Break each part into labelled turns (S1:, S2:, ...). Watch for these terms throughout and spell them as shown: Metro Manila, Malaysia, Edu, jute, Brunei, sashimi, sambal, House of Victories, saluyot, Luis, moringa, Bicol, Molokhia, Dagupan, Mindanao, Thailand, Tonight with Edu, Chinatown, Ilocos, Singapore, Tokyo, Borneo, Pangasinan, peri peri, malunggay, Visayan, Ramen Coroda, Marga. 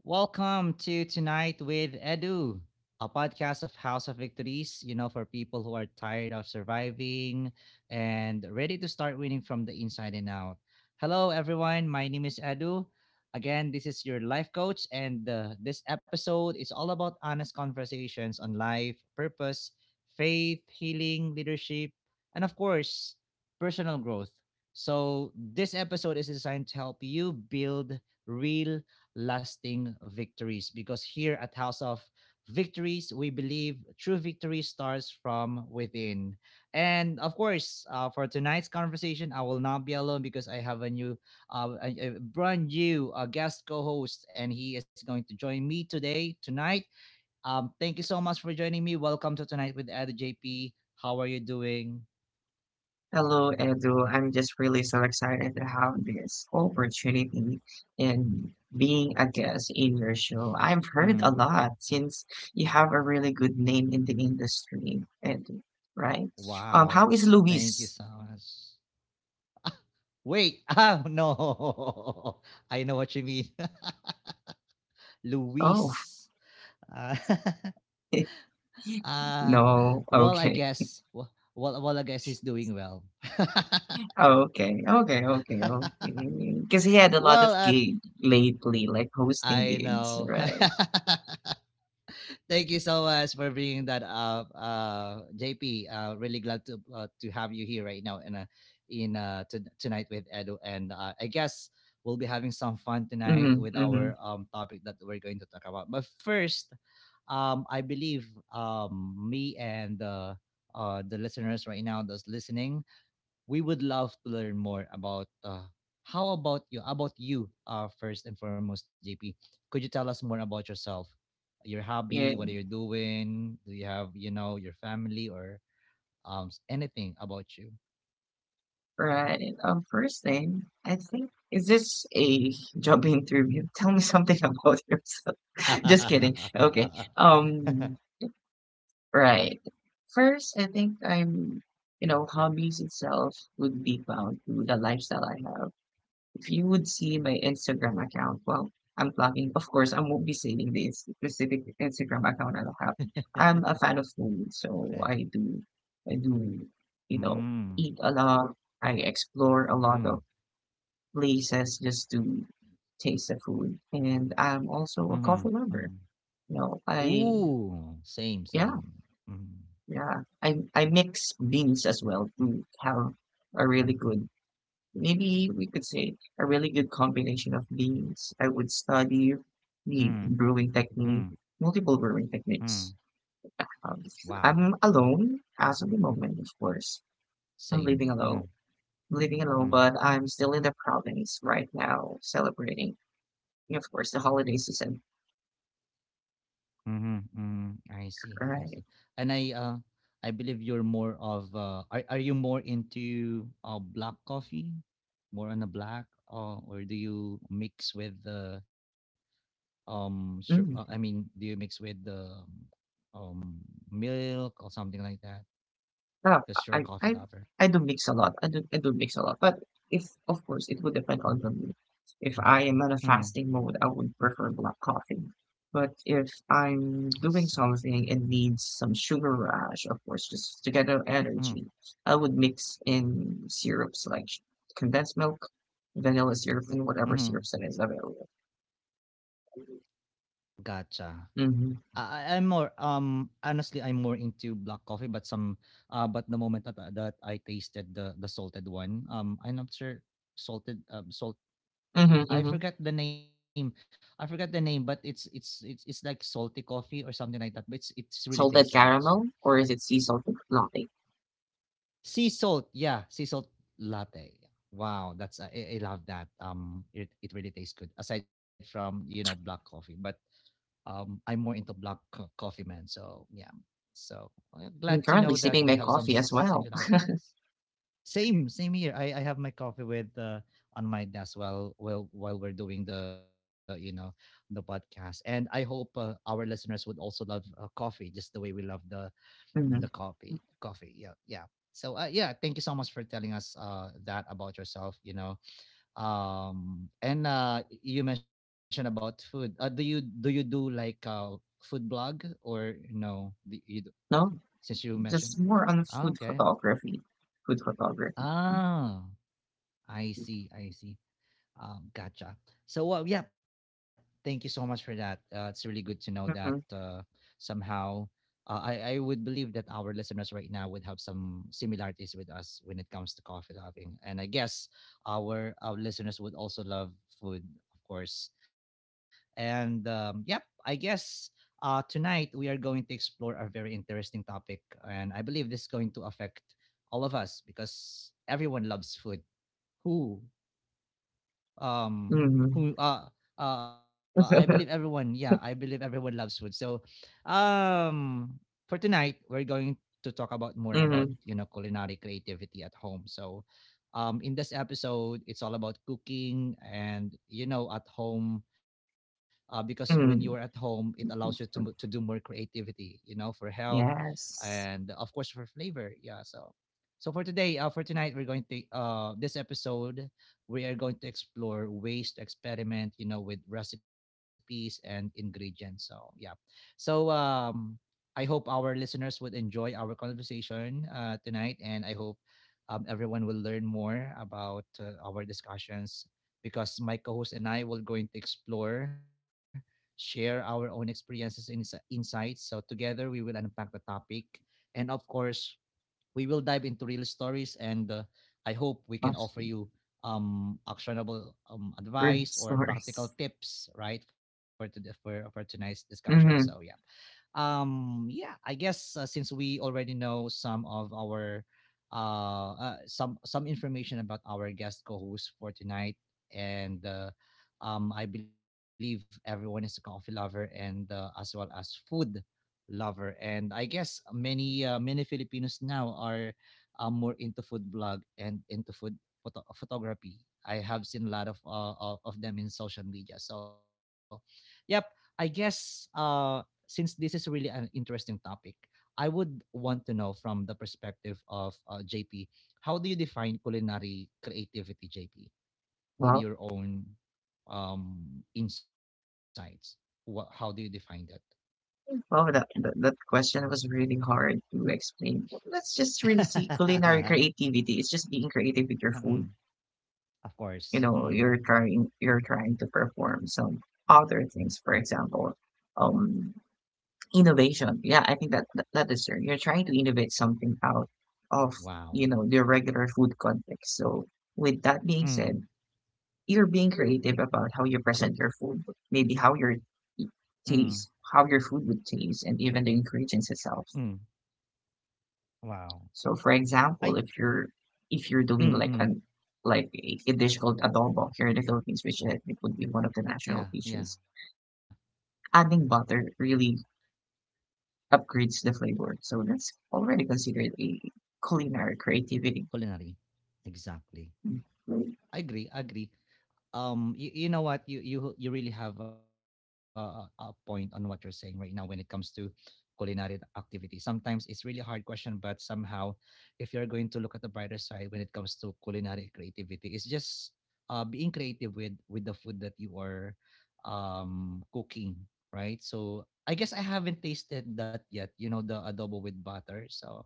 S1: Welcome to Tonight with Edu, a podcast of House of Victories, for people who are tired of surviving and ready to start winning from the inside and out. Hello, everyone. My name is Edu. Again, this is your life coach, and this episode is all about honest conversations on life, purpose, faith, healing, leadership, and of course, personal growth. So, this episode is designed to help you build real lasting victories. Because here at House of Victories, we believe true victory starts from within. And of course, for tonight's conversation, I will not be alone because I have a new, a brand new guest co host, and he is going to join me today, tonight. Thank you so much for joining me. Welcome to Tonight with Ed JP. How are you doing?
S2: Hello, Edu. I'm just really so excited to have this opportunity in being a guest in your show. I've heard a
S1: Hmm.
S2: lot since you have a really good name in the industry, Edu, right? How
S1: Wow.
S2: is
S1: Thank you
S2: Luis?
S1: so much. Wait. Oh, no. I know what you mean.
S2: Oh,
S1: Luis. Uh, uh,
S2: no.
S1: well, I
S2: Okay.
S1: guess. Well, I guess he's doing well.
S2: Okay. Okay. Okay. Okay. Because he had a lot
S1: Well,
S2: of gig lately, like
S1: I
S2: hosting
S1: know.
S2: gigs, right?
S1: Thank you so much for bringing that up, JP. Really glad to have you here right now in to tonight with Edo, and I guess we'll be having some fun tonight
S2: Mm-hmm.
S1: with
S2: Mm-hmm.
S1: our topic that we're going to talk about. But first, I believe me and the listeners right now that's listening, we would love to learn more about how about you first and foremost, JP. Could you tell us more about yourself, your hobby,
S2: Yeah.
S1: what are you doing? Do you have, you know, your family or anything about you?
S2: Right. First name. I think, is this a job interview? Tell me something about yourself. Just kidding. Okay. Um, right. First, you know, hobbies itself would be bound to the lifestyle I have. If you would see my Instagram account, well, I'm plugging. Of course, I won't be saving the specific Instagram account I have. I'm a fan of food,
S1: Okay.
S2: so I do, you know,
S1: Mm.
S2: eat a lot. I explore a
S1: Mm.
S2: lot of places just to taste the food. And I'm also a
S1: Mm-hmm.
S2: coffee lover.
S1: Mm.
S2: You know, I
S1: Ooh, same,
S2: Yeah,
S1: same. Mm.
S2: yeah. I mix beans as well to have a really good, maybe we could say, a really good combination of beans. I would study
S1: Mm,
S2: the brewing
S1: mm,
S2: technique, multiple brewing
S1: mm.
S2: techniques. Um,
S1: Wow,
S2: I'm alone as of the moment, of course. I'm
S1: same.
S2: living alone.
S1: Mm-hmm,
S2: I'm living alone, but
S1: mm,
S2: I'm still in the province right now, celebrating, of course, the holiday season.
S1: mm-hmm, mm. I see, I
S2: Right.
S1: see. And I believe you're more of. Are you more into black coffee, more on a black, or do you mix with the Sure, I
S2: Mm.
S1: mean, do you mix with the um milk or something like that?
S2: Yeah,
S1: Because you're
S2: I
S1: a
S2: I
S1: coffee lover.
S2: I do mix a lot. I do mix a lot, but if of course it would depend on the mood. If I am on a fasting mode,
S1: Mm.
S2: I would prefer black coffee. But if I'm doing
S1: Sad.
S2: something and needs some sugar rush, of course, just to get an
S1: Mm,
S2: energy, I would mix in syrups like condensed milk, vanilla syrup, and whatever syrups that is
S1: mm-hmm.
S2: available.
S1: Gotcha.
S2: Mm-hmm.
S1: I'm more honestly, I'm more into black coffee, but some but the moment that that I tasted the salted one, I'm not sure, salted, salt,
S2: Mm-hmm. Mm-hmm.
S1: I forgot the name, but it's like salty coffee or something like that, but it's really
S2: Salted
S1: tastes good.
S2: caramel,
S1: So
S2: or is it sea salted latte?
S1: sea salt, yeah, sea salt latte, yeah. Wow, that's, I love that. It it really tastes good aside from, you know, black coffee, but I'm more into coffee, man. So yeah, so
S2: I'm currently
S1: glad to
S2: sipping
S1: know
S2: my
S1: that we
S2: coffee
S1: have
S2: as
S1: some
S2: well.
S1: similarities. Same, same here. I have my coffee with on my desk while while we're doing the, you know, the podcast, and I hope our listeners would also love coffee just the way we love
S2: Mhm.
S1: the coffee. Yeah, yeah. So yeah, thank you so much for telling us that about yourself. You know, and you mentioned about food. Do you do like food blog or no?
S2: No,
S1: Since you mentioned,
S2: just more on
S1: ah,
S2: food
S1: okay.
S2: photography. Food photography.
S1: Ah, I see. I see. Gotcha. So, well, yeah, thank you so much for that. It's really good to know that
S2: Mhm.
S1: somehow I would believe that our listeners right now would have some similarities with us when it comes to coffee loving. And I guess our listeners would also love food, of course. And yep, I guess tonight we are going to explore a very interesting topic. And I believe this is going to affect all of us because everyone loves food. Who um
S2: Mhm.
S1: who I believe everyone, yeah, I believe everyone loves food. So um for tonight we're going to talk about more about,
S2: Mhm.
S1: you know, culinary creativity at home. So in this episode, it's all about cooking and, you know, at home, because when you're at home
S2: Mhm.
S1: it allows you to to do more creativity, you know, for health and
S2: Yes.
S1: of course for flavor, yeah. So so for today, for tonight, we're going to this episode we are going to explore ways to experiment, you know, with recipes and ingredients. So yeah. So I hope our listeners would enjoy our conversation tonight, and I hope everyone will learn more about our discussions, because my co-host and I will going to explore, share our own experiences and insights. So together we will unpack the topic, and of course, we will dive into real stories, and I hope we
S2: Gosh,
S1: can offer you actionable
S2: real
S1: advice or
S2: stories.
S1: practical tips, right, for today, for tonight's discussion.
S2: Mhm.
S1: So yeah, yeah, I guess since we already know some of our some information about our guest co-host for tonight, and I believe everyone is a coffee lover, and as well as food lover. And I guess many many Filipinos now are more into food blog and into photography. I have seen a lot of, of them in social media. So, yep, I guess since this is really an interesting topic, I would want to know from the perspective of JP, how do you define culinary creativity, JP, in
S2: Wow.
S1: your own insights? What, how do you define
S2: Well, that question was really hard to explain. Let's just really see, culinary
S1: that?
S2: creativity, it's just being creative with your food.
S1: Of
S2: You
S1: course.
S2: know,
S1: Mm.
S2: you're trying to perform some other things. For example, um, innovation. Yeah, I think that is true. You're trying to innovate something out of,
S1: Wow.
S2: you know, your regular food context. So with that being
S1: Mm.
S2: said, you're being creative about how you present your food, maybe
S1: Mm.
S2: it how your food would taste, and even the ingredients
S1: Mm.
S2: itself.
S1: Wow.
S2: So for
S1: I
S2: example, if you're doing
S1: mm,
S2: like
S1: mm.
S2: an like a dish called adobo here in the Philippines, which I think would be one of the national
S1: Yeah, yeah.
S2: dishes. Adding butter really upgrades the flavor. So that's already considered a culinary creativity.
S1: Culinary. Exactly. I agree, I agree. You, you know what you really have a point on what you're saying right now. When it comes to culinary activity, sometimes it's really hard question, but somehow if you're going to look at the brighter side when it comes to culinary creativity, it's just being creative with the food that you are cooking, right? So I guess I haven't tasted that yet, you know, the adobo with butter. So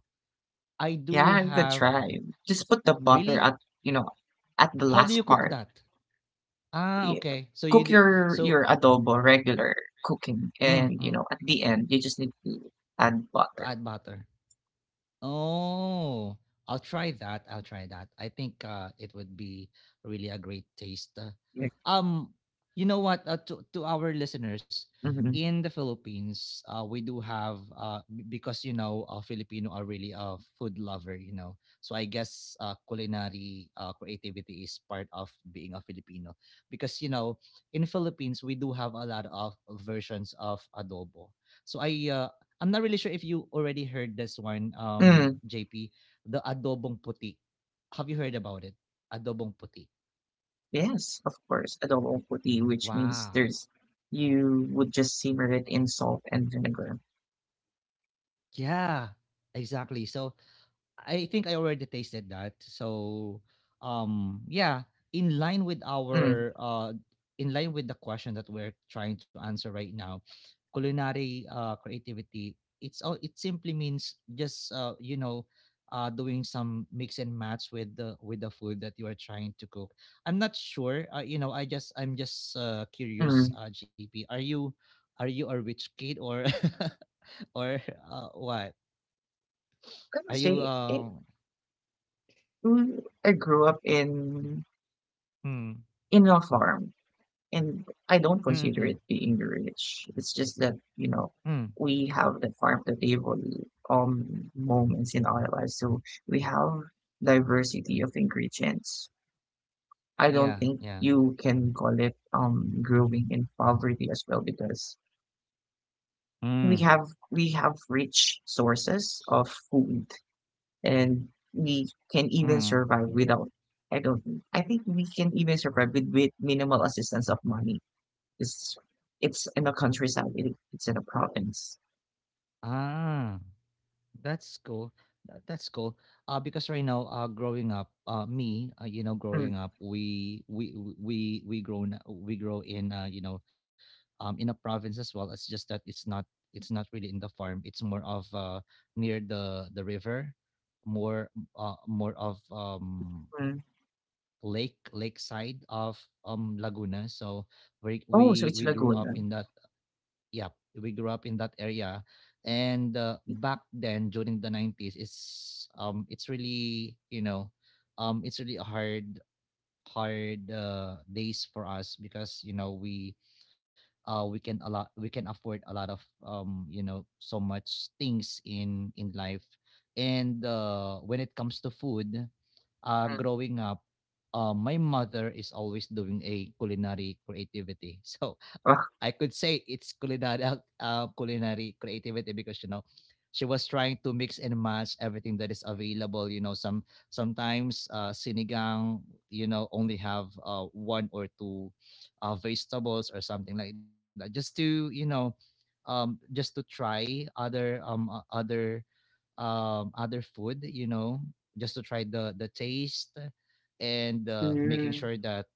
S1: I do
S2: Yeah, good
S1: have th-
S2: try. Just put the butter
S1: really,
S2: at, you know, at the
S1: how do you
S2: last
S1: cook
S2: part.
S1: that? Ah,
S2: Y-
S1: okay, so you
S2: Cook
S1: do,
S2: your
S1: so
S2: adobo regular cooking,
S1: mm,
S2: and you
S1: mm,
S2: know at the end you just need to add
S1: to
S2: butter.
S1: add butter. Oh, I'll try that. I'll try that. I think it would be really a great taste. Um, you know what? To our listeners
S2: Mm-hmm.
S1: in the Philippines, we do have because, you know, Filipino are really a food lover. You know, so I guess culinary creativity is part of being a Filipino because, you know, in Philippines we do have a lot of versions of adobo. So I'm not really sure if you already heard this one,
S2: Mm,
S1: JP. The adobong puti. Have you heard about it? Adobong puti.
S2: yes, of course, adobo puti, which means
S1: Wow.
S2: there's you would just simmer it in salt and vinegar.
S1: Yeah, exactly. So I think I already tasted that. So, yeah, in line with
S2: Mm,
S1: our uh, in line with the question that we're trying to answer right now, culinary creativity. It's all. It simply means just you know, doing some mix and match with the food that you are trying to cook. I'm not sure. You know, I'm just
S2: mm.
S1: curious. GP, are you a rich kid or or what?
S2: Can I would
S1: Are you
S2: say it? I grew up in a farm. And I don't consider it
S1: Mm,
S2: being rich. It's just that, you know,
S1: mm.
S2: we have the farm to table moments in our lives. So we have diversity of ingredients. I don't
S1: Yeah,
S2: think
S1: yeah.
S2: you can call it growing in poverty as well, because
S1: Mm,
S2: we have we have rich sources of food, and we can even
S1: mm.
S2: survive without. I don't I think we can even survive with, minimal assistance of money. It's it's in the countryside, it's in the province.
S1: Ah, that's cool. That, that's cool. Because right now, growing up, you know,
S2: Mm,
S1: growing up, we grow in, you know, in a province as well. It's just that it's not really in the farm. It's more of near the river, more more of
S2: mm.
S1: lake, lakeside of Laguna. So
S2: Oh, so it's
S1: we grew up
S2: Laguna.
S1: in that. Yep, we grew up in that area, and back then during the 90s, it's really, you know, it's really a hard days for us, because, you know, we can a lot we can afford a lot of you know, so much things in life. And when it comes to food,
S2: Mm.
S1: growing up, my mother is always doing a culinary creativity. So I
S2: Ah.
S1: could say it's culinary creativity because you know she was trying to mix and match everything that is available, you know. Sometimes sinigang, you know, only have one or two vegetables or something like that, just to, you know, just to try other other other food, you know, just to try the taste and making
S2: Mm,
S1: sure that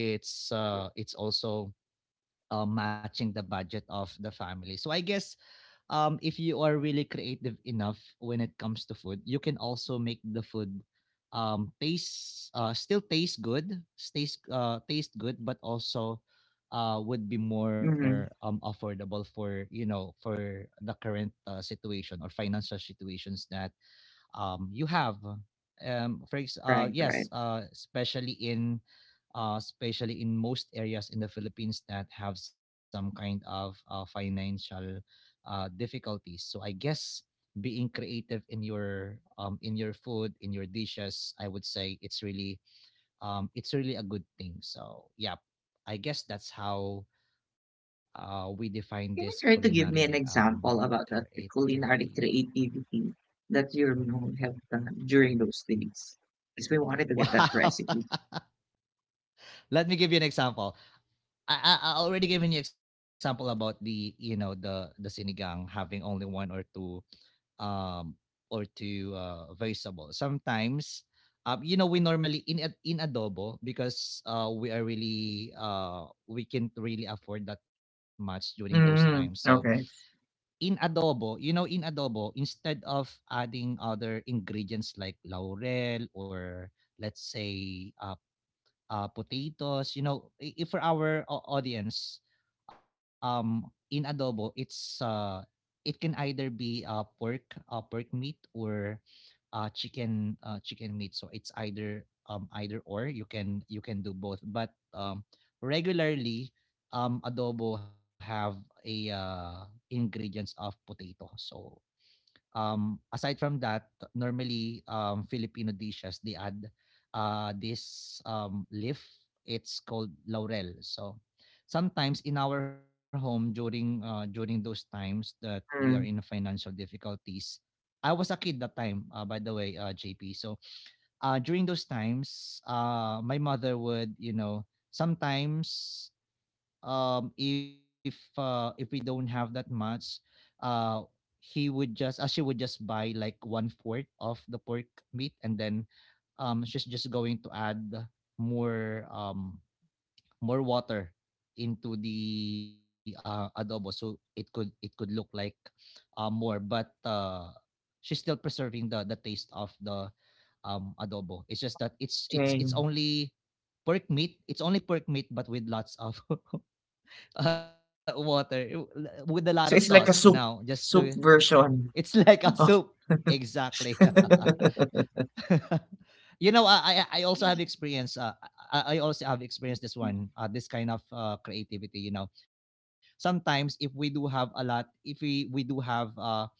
S1: it's also matching the budget of the family. So I guess if you are really creative enough when it comes to food, you can also make the food taste, still taste good, taste, taste good, but also would be more
S2: mhm.
S1: affordable for, you know, for the current situation or financial situations that you have.
S2: Right,
S1: Yes,
S2: right.
S1: especially in, especially in most areas in the Philippines that have some kind of financial difficulties. So I guess being creative in your food, in your dishes, I would say it's really, it's really a good thing. So yeah, I guess that's how we define this
S2: Can you try to
S1: culinary
S2: give me an example about that
S1: creativity.
S2: culinary creativity that you know have done during those days? Because we wanted to get that
S1: Wow.
S2: recipe.
S1: Let me give you an example. I already given you example about, the you know, the sinigang having only one or two um vegetables. Sometimes you know, we normally in adobo, because we can't really afford that much during those times. So
S2: Mm, okay.
S1: in adobo, you know, in adobo, instead of adding other ingredients like laurel, or let's say potatoes. You know, if for our audience, in adobo, it can either be pork, pork meat, or chicken, chicken meat. So it's either, either or. You can do both, but regularly, adobo have a ingredients of potato. So aside from that, normally, Filipino dishes, they add this leaf. It's called laurel. So sometimes in our home during during those times that we are in
S2: Mm,
S1: financial difficulties, I was a kid that time, by the way, JP. So during those times, my mother would, you know, sometimes, if we don't have that much, uh he would just she would just buy like one fourth of the pork meat, and then she's just going to add more, more water into the adobo, so it could look like more. But she's still preserving the taste of the adobo. It's just that it's
S2: dang.
S1: only pork meat, it's only pork meat, but with lots of water, with a lot of sauce,
S2: So it's
S1: you
S2: like a
S1: know,
S2: soup
S1: just to,
S2: soup version
S1: it's like a
S2: of.
S1: soup. Exactly. You know, I also have experience. I also have experienced this one. This kind of creativity. You know, sometimes if we do have a lot, if we do have uh,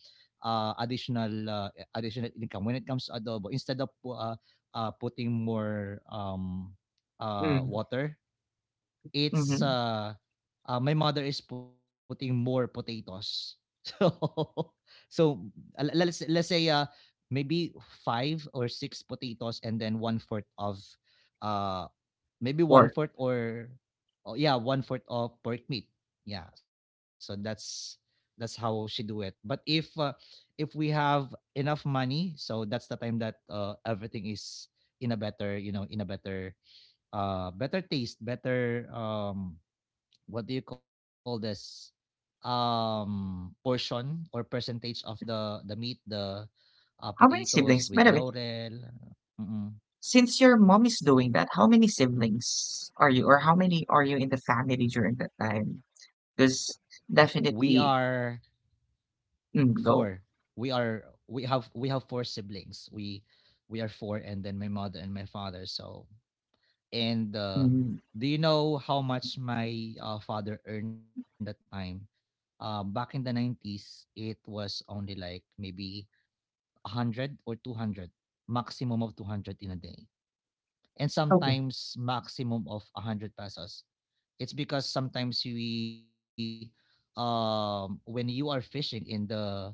S1: uh additional, additional income when it comes to adobo, instead of putting more,
S2: Mm.
S1: water, it's
S2: Mhm,
S1: my mother is putting more potatoes. So so let's say maybe 5 or 6 potatoes, and then one fourth of uh maybe one
S2: pork.
S1: fourth, or oh yeah, one fourth of pork meat. Yeah, so that's how she do it. But if, if we have enough money, so that's the time that everything is in a better, you know, in a better, better taste, better, what do you call this, portion or percentage of the meat, the
S2: How many
S1: potatoes
S2: siblings?
S1: with
S2: By the way,
S1: laurel. Mm,
S2: since your mom is doing that, how many siblings are you, or how many are you in the family during that time? Because
S1: we are
S2: definitely, mm,
S1: four.
S2: go.
S1: We have four siblings. We are four, and then my mother and my father. So and
S2: Mm,
S1: do you know how much my father earned that time? Back in the 90s, it was only like maybe 100 or 200, maximum of 200 in a day. And
S2: okay.
S1: sometimes maximum of 100 pesos. It's because sometimes we, when you are fishing in the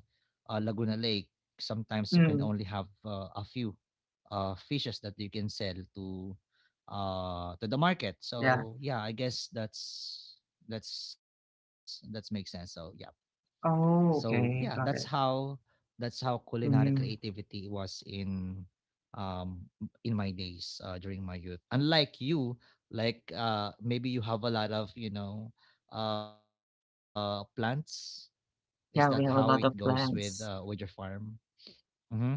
S1: Laguna Lake, sometimes you can only
S2: Mm,
S1: have a few fishes that you can sell to the market.
S2: yeah.
S1: So yeah, I guess that's, that's makes sense. So yeah. So
S2: Oh,
S1: yeah, that's
S2: okay. Got
S1: how,
S2: it.
S1: culinary
S2: Mm,
S1: creativity was in, um in my days, during my youth. Unlike you, like maybe you have a lot of, you know, plants. Is that how it
S2: yeah, we
S1: goes
S2: have a
S1: with
S2: lot of
S1: your
S2: plants.
S1: farm? Mm-hmm.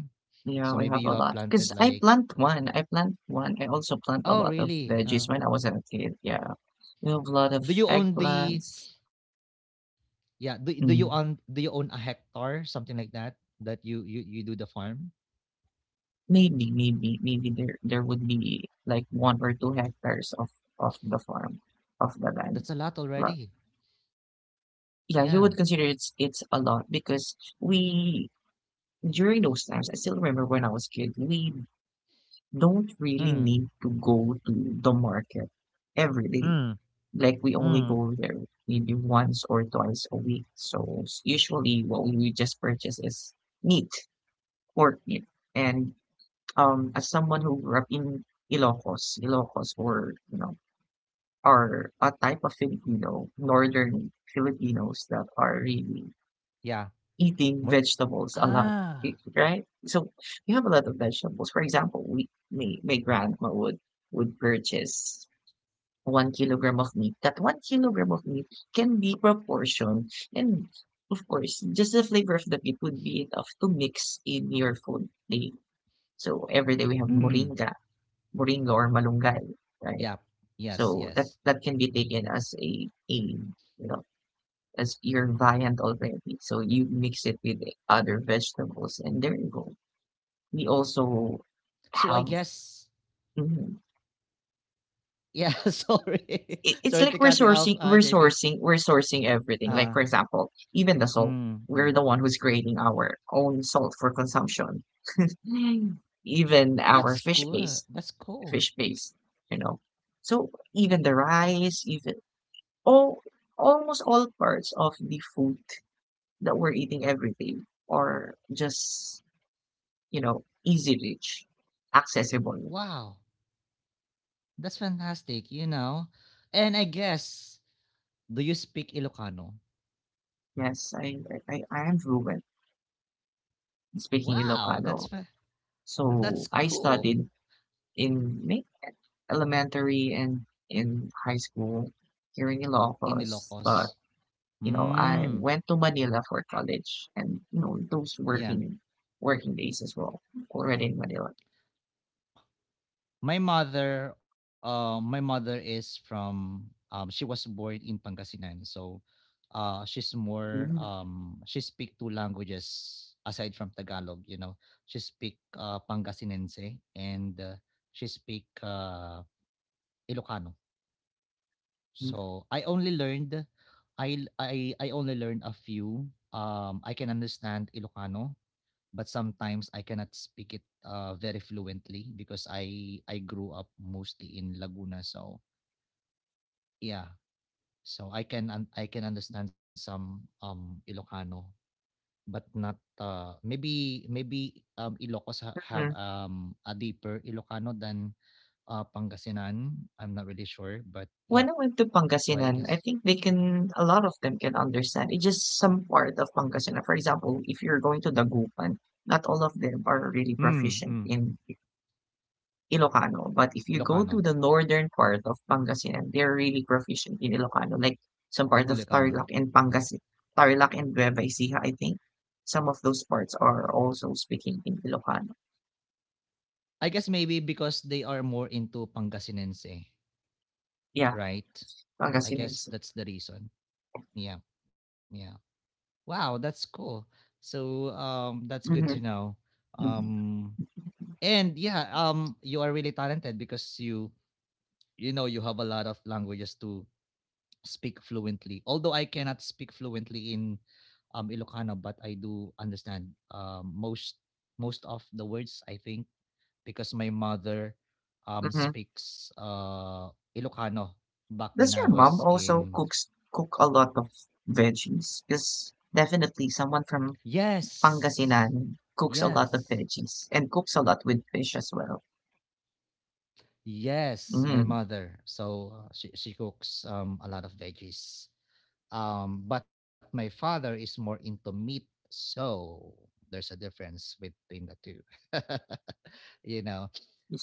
S1: So maybe you
S2: Yeah,
S1: have
S2: we have a
S1: planted
S2: lot.
S1: like.
S2: Because I
S1: uh,
S2: plant one. I plant one. I also plant
S1: Oh
S2: a lot of
S1: really?
S2: veggies when I was a kid. Yeah. We have a lot of
S1: Do you own the
S2: eggplants.
S1: Yeah? Do you own a
S2: Mm.
S1: hectare, something like that, that you do the farm?
S2: Maybe there would be like one or two hectares of the farm, of the land.
S1: That's a lot
S2: But
S1: already. Yeah.
S2: yeah, you would consider it's a lot because we during those times, I still remember when I was kid, we don't
S1: Mm,
S2: really need to go to the market every day.
S1: mm,
S2: Like we only
S1: mm.
S2: go there maybe once or twice a week. So usually what we would just purchase is meat, pork meat, and as someone who grew up in Ilocos, or, you know, are a type of Filipino, northern Filipinos that are
S1: Yeah.
S2: really
S1: Mo,
S2: eating vegetables a
S1: ah.
S2: lot, right? So we have a lot of vegetables. For example, we my grandma would purchase 1 kilogram of meat. That 1 kilogram of meat can be proportioned, and of course, just the flavor of the meat would be enough to mix in your food. Day. So every day we have
S1: Mm.
S2: moringa, moringa or malunggay, right?
S1: Yep. Yes,
S2: So that
S1: yes.
S2: can be taken as a, you know, as your viand already. So you mix it with other vegetables, and there you go. We also
S1: So I
S2: have,
S1: guess,
S2: mhm.
S1: yeah, sorry. Sorry
S2: It's
S1: to
S2: like
S1: cut you off, JP.
S2: we're sourcing everything. Like for
S1: Uh,
S2: example, even the salt.
S1: mm, mm.
S2: We're the one who's creating our own salt for consumption. Mm. Even our
S1: That's good. That's cool.
S2: fish base, you know. So even the rice, even all almost all parts of the food that we're eating every day are just, you know, easy reach, accessible.
S1: Wow. That's fantastic, you know. And I guess, do you speak Ilocano?
S2: Yes, I am fluent speaking
S1: Wow, that's
S2: Ilocano.
S1: fa-, that's
S2: So I
S1: cool,
S2: studied in elementary and in high school here in
S1: in
S2: Ilocos, but
S1: Ilocos.
S2: you know I
S1: Mm.
S2: went to Manila for college, and you know those
S1: Yeah.
S2: working days as well already in Manila.
S1: My mother is from, she was born in Pangasinan. So, she's more, she speak two languages aside from Tagalog, you know. She speak Pangasinense, and she speak Ilocano.
S2: Mhm.
S1: So, I only learned, I only learned a few. I can understand Ilocano, but sometimes I cannot speak it very fluently because I grew up mostly in Laguna. So yeah, so I can I can understand some Ilocano, but not maybe Ilocos have a deeper Ilocano than Pangasinan. I'm not really sure, but yeah,
S2: When I went to
S1: so I
S2: Pangasinan, I
S1: guess,
S2: think they can, a lot of them can understand. It's just some part of Pangasinan. For example, if you're going to Dagupan, not all of them are really
S1: mm, mm,
S2: proficient in Ilocano. But if you go to
S1: Ilocano,
S2: the northern part of Pangasinan, they're really proficient in Ilocano, like some part
S1: medyo
S2: of Tarlac
S1: Ilocano.
S2: and Pangasin, Tarlac and Nueva Ecija, I think. Some of those parts are also speaking in Ilocano.
S1: I guess maybe because they are more into Pangasinense,
S2: Yeah,
S1: right? I
S2: Pangasinan.
S1: guess that's the reason. Yeah, yeah. Wow, that's cool. So that's good
S2: Mm-hmm,
S1: to know.
S2: mm-hmm,
S1: Um and Yeah, you are really talented, because you know, you have a lot of languages to speak fluently. Although I cannot speak fluently in Ilocano, but I do understand most, most of the words, I think, because my mother
S2: mm-hmm.
S1: speaks Ilocano back when
S2: Does
S1: I
S2: your mom
S1: was
S2: also
S1: in.
S2: cooks cook a lot of veggies? Because definitely someone from
S1: Yes.
S2: Pangasinan cooks a lot of
S1: Yes.
S2: veggies and cooks a lot with fish as well.
S1: Yes, my
S2: Mm.
S1: mother. So she cooks a lot of veggies. But my father is more into meat, so there's a difference between the two. You know.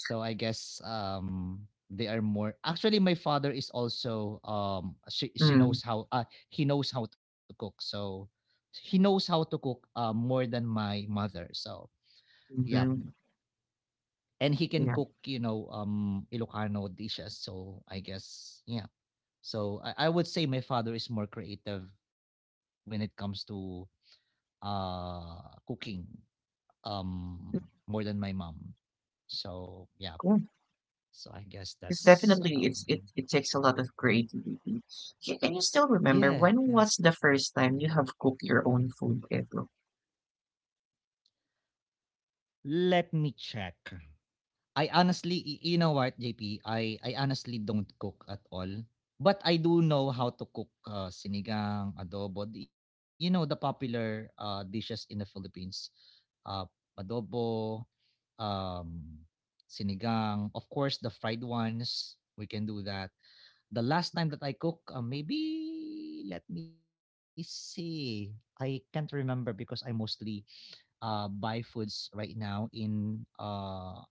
S1: So I guess they are more actually my father is also, she
S2: Mm.
S1: knows how, he knows how to cook. So he knows how to cook, more than my mother. So yeah,
S2: Mhm.
S1: and he can
S2: Yeah.
S1: cook, you know, Ilocano dishes. So I guess, yeah. So I would say my father is more creative when it comes to uh cooking, more than my mom. So yeah.
S2: Cool.
S1: So I guess
S2: Because
S1: that's,
S2: definitely it it takes a lot of creativity. Can you still remember when
S1: yeah,
S2: was the
S1: yeah.
S2: first time you have cooked your own food ever?
S1: Let me check. I honestly, you know what, JP? I honestly don't cook at all. But I do know how to cook, sinigang, adobo. You know, the popular dishes in the Philippines. Uh, adobo, um, sinigang, of course the fried ones. We can do that. The last time that I cook, maybe let me see. I can't remember because I mostly buy foods right now in,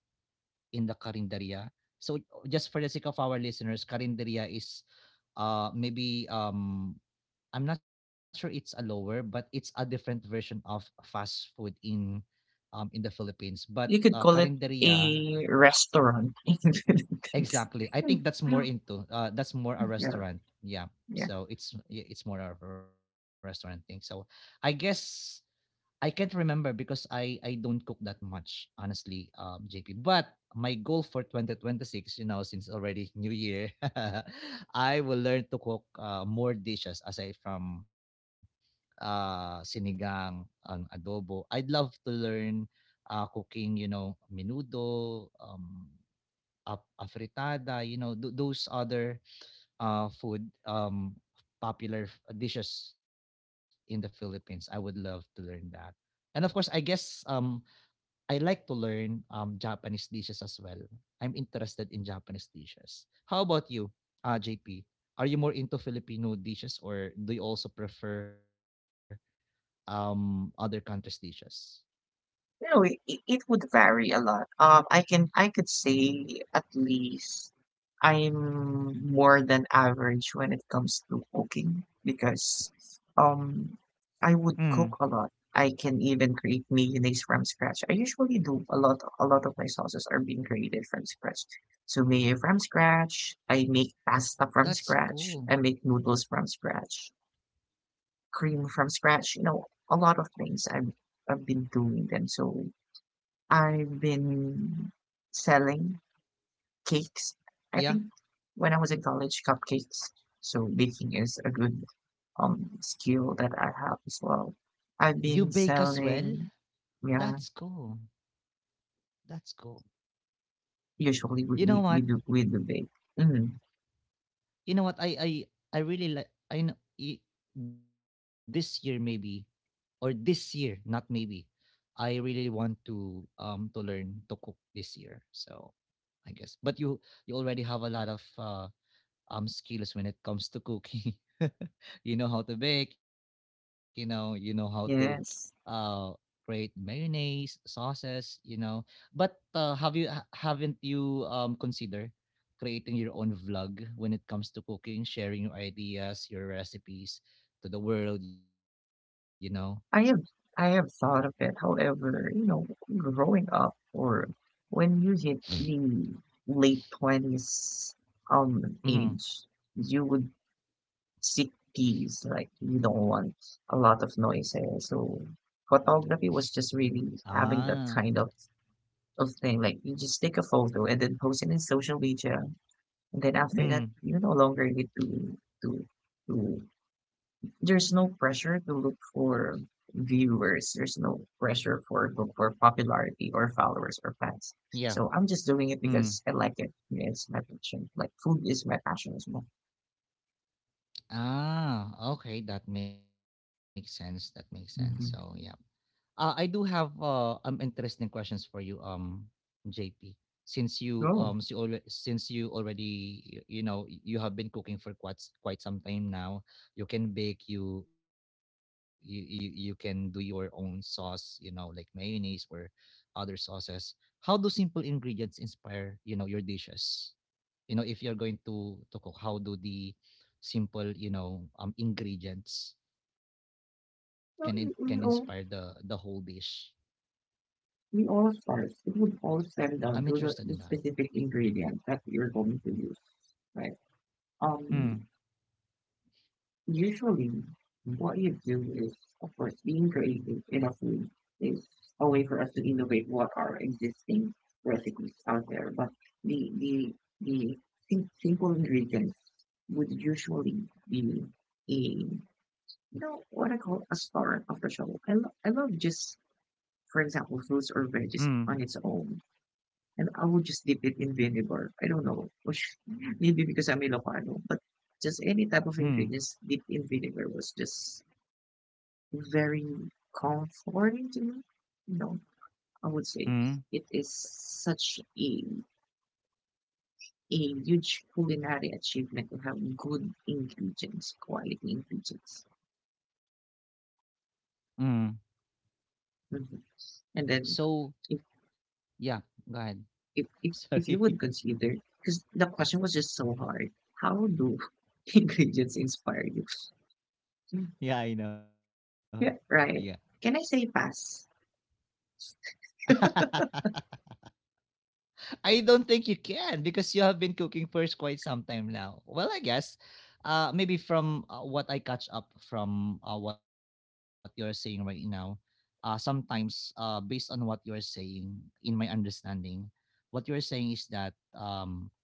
S1: in the Carinderia. So just for the sake of our listeners, Carinderia is maybe I'm not sure, it's a lower, but it's a different version of fast food in the Philippines. But
S2: You could call it
S1: Carinderia,
S2: a restaurant.
S1: exactly. I think that's more into that's more a
S2: Yeah.
S1: restaurant. Yeah.
S2: Yeah.
S1: So it's, yeah, it's more of a restaurant thing. So I guess I can't remember because I don't cook that much honestly, JP. But my goal for 2026, you know, since already New Year, I will learn to cook more dishes aside from sinigang and adobo. I'd love to learn cooking, you know, menudo, afritada, you know, those other food, popular dishes in the Philippines. I would love to learn that. And of course, I guess, I like to learn Japanese dishes as well. I'm interested in Japanese dishes. How about you, JP? Are you more into Filipino dishes, or do you also prefer other countries' dishes?
S2: No, it would vary a lot. I can, I could say at least I'm more than average when it comes to cooking, because um I would
S1: Hmm,
S2: cook a lot. I can even create mayonnaise from scratch. I usually do a lot of my sauces are being created from scratch. So mayo from scratch, I make pasta from
S1: that's
S2: scratch, I make
S1: cool.
S2: noodles from scratch, cream from scratch, you know, a lot of things I've been doing them. So I've been selling cakes. I think
S1: Yeah.
S2: when I was in college, cupcakes. So baking is a good skill that I have as well. I've
S1: You
S2: been
S1: bake as well?
S2: selling, yeah.
S1: That's cool. That's cool.
S2: Usually we
S1: You
S2: do
S1: know
S2: we
S1: what?
S2: do bake. Mm,
S1: You know what, I really like, I know, this year maybe, or this year, not maybe, I really want to learn to cook this year. So I guess, but you already have a lot of skills when it comes to cooking. You know how to bake, you know how to
S2: yes,
S1: uh create mayonnaise, sauces, you know. But have you haven't you considered creating your own vlog when it comes to cooking, sharing your ideas, your recipes to the world, you know?
S2: I have I have thought of it. However, you know, growing up, or when you hit the late 20s
S1: Mm-hmm.
S2: age, you would cities, like you don't want a lot of noises. So photography was just really
S1: Ah.
S2: having that kind of thing. Like you just take a photo and then post it in social media, and then after that,
S1: Mm.
S2: you no longer need to. There's no pressure to look for viewers. There's no pressure for look for popularity or followers or fans.
S1: Yeah.
S2: So I'm just doing it
S1: Mm.
S2: because I like it. It's my passion. Like food is my passion as well.
S1: Ah. Okay, that makes sense. That makes sense. So yeah.
S2: Mm-hmm.
S1: I do have interesting questions for you, JP. Since you so already since you already you know, you have been cooking for quite quite some time now. You can bake. You can do your own sauce. You know, like mayonnaise or other sauces. How do simple ingredients inspire your dishes? If you're going to cook, how do the simple, ingredients can inspire the
S2: Oh.
S1: whole dish?
S2: It would all
S1: I'm
S2: stem
S1: interested in
S2: down to
S1: that.
S2: the specific ingredient that you're going to use, right?
S1: Mm,
S2: Um, usually, what you do is, of course, being creative in a food is a way for us to innovate what are existing recipes out there. But the the the simple ingredients would usually be a you know what I call a star of the show. I love just, for example, fruits or veggies
S1: mm,
S2: on its own. And I would just dip it in vinegar. I don't know. Maybe because I'm Ilocano, but just any type of ingredients dipped
S1: mm,
S2: in vinegar was just very comforting to me. You know, I would say it is
S1: mm,
S2: such a huge culinary achievement to have good ingredients, quality ingredients.
S1: mm.
S2: Hmm. And then if,
S1: So yeah, go
S2: if
S1: ahead.
S2: if if you would
S1: Sorry.
S2: consider, because the question was just so hard, how do ingredients inspire you?
S1: Yeah, I know.
S2: Yeah,
S1: Yeah.
S2: right. Can I say pass?
S1: I don't think you can because you have been cooking for quite some time now. Well, I guess maybe from what I catch up from what you're saying right now, sometimes based on what you're saying, in my understanding, what you're saying is that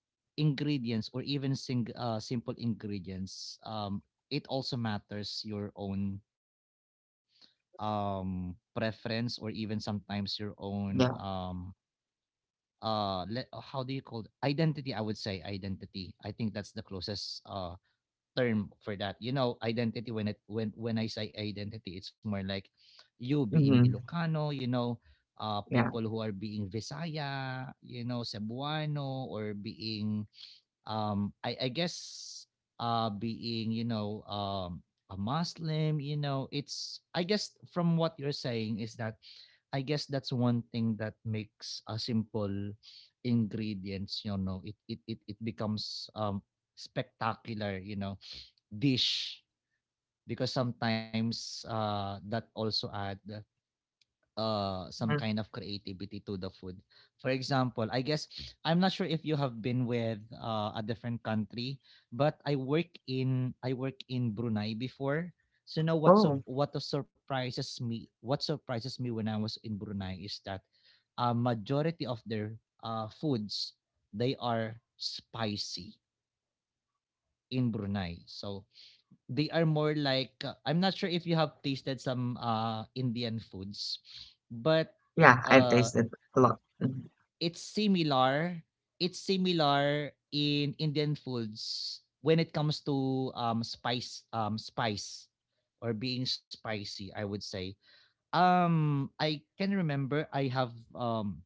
S1: ingredients or even simple ingredients, it also matters your own preference or even sometimes your own.
S2: Yeah.
S1: How do you call it? Identity, I would say identity. I think that's the closest term for that, you know, identity. When it, when I say identity, it's more like you being
S2: Mhm.
S1: Ilocano, you know,
S2: Yeah.
S1: people who are being Visaya, you know, Cebuano, or being I guess being, a Muslim, you know. It's, I guess, from what you're saying is that I guess that's one thing that makes a simple ingredients, you know, it becomes spectacular, you know, dish because sometimes that also add some
S2: Mm.
S1: kind of creativity to the food. For example, I guess I'm not sure if you have been with a different country, but I work in Brunei before. So now
S2: Oh,
S1: what surprises me, when I was in Brunei is that a majority of their foods, they are spicy in Brunei. So they are more like, I'm not sure if you have tasted some Indian foods, but
S2: yeah, I've
S1: uh
S2: tasted a lot. Mhm.
S1: it's similar. It's similar in Indian foods when it comes to spice, or being spicy, I would say. I can remember I have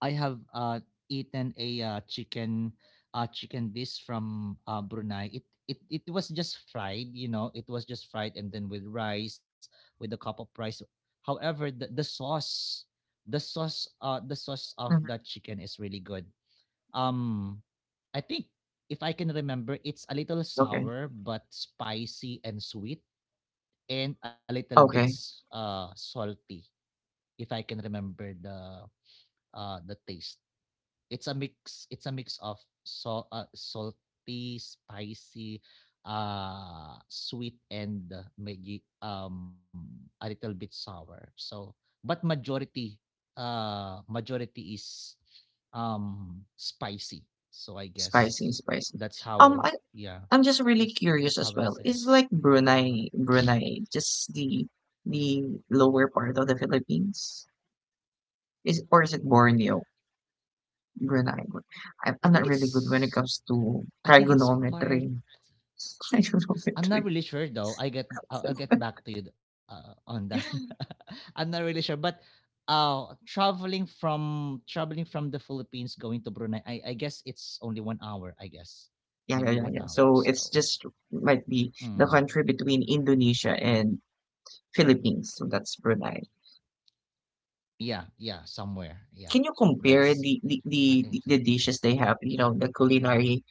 S1: I have uh, eaten a chicken, chicken dish from Brunei. It was just fried, you know. It was just fried and then with rice, with a cup of rice. However, the sauce, the sauce, the sauce of
S2: Mhm.
S1: the chicken is really good. Um, I think if I can remember, it's a little
S2: Okay.
S1: sour but spicy and sweet, and a little bit
S2: Okay.
S1: salty. If I can remember the taste, it's a mix of so salty, spicy, sweet, and maybe a little bit sour. So but majority, majority is spicy. So I
S2: Spicy,
S1: guess
S2: spicy.
S1: that's
S2: Um,
S1: how,
S2: I
S1: yeah,
S2: I'm just really
S1: that's
S2: curious
S1: that's
S2: as
S1: how
S2: well.
S1: it's there.
S2: Is like Brunei, Brunei, just the lower part of the Philippines? Is or is it Borneo? Brunei. Bor- I'm
S1: I think
S2: not really good when it
S1: it's,
S2: comes to
S1: part.
S2: trigonometry.
S1: I'm not
S2: Trigonometry.
S1: really sure though. I'll get back to you on that. I'm not really sure, but traveling from, the Philippines going to Brunei, I guess it's only 1 hour. I guess maybe
S2: Yeah, yeah,
S1: one
S2: yeah, yeah.
S1: hour.
S2: So
S1: So
S2: it's just might be
S1: mm,
S2: the country between Indonesia and Philippines. So that's Brunei.
S1: yeah, yeah, somewhere. Yeah,
S2: Can you
S1: that's,
S2: compare the the,
S1: I think
S2: the,
S1: it's-
S2: the dishes they have? You know, the culinary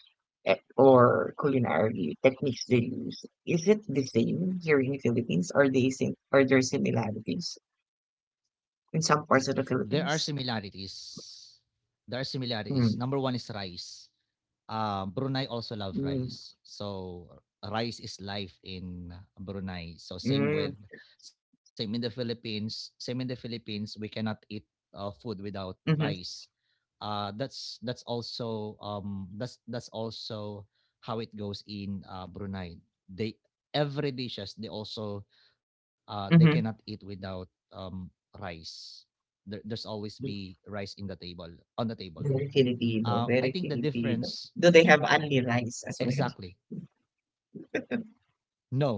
S2: eh, or culinary techniques they use. Is it the same here in the Philippines? Are they sim- Are there similarities in some
S1: there
S2: parts
S1: are
S2: of the Philippines?
S1: similarities. There are similarities. Number one is
S2: Mm,
S1: rice. Brunei also love rice.
S2: mm,
S1: So rice is life in Brunei. So same with,
S2: mm,
S1: same in the Philippines. Same in the Philippines, we cannot eat food without rice.
S2: mm-hmm,
S1: That's also that's also how it goes in Brunei. They, every dishes they also, they cannot eat
S2: mm-hmm.
S1: without rice. There, there's always be rice in the table, on the table.
S2: Very
S1: I
S2: Filipino,
S1: think the
S2: very
S1: difference
S2: Filipino. Do they have only rice as
S1: exactly.
S2: well?
S1: No,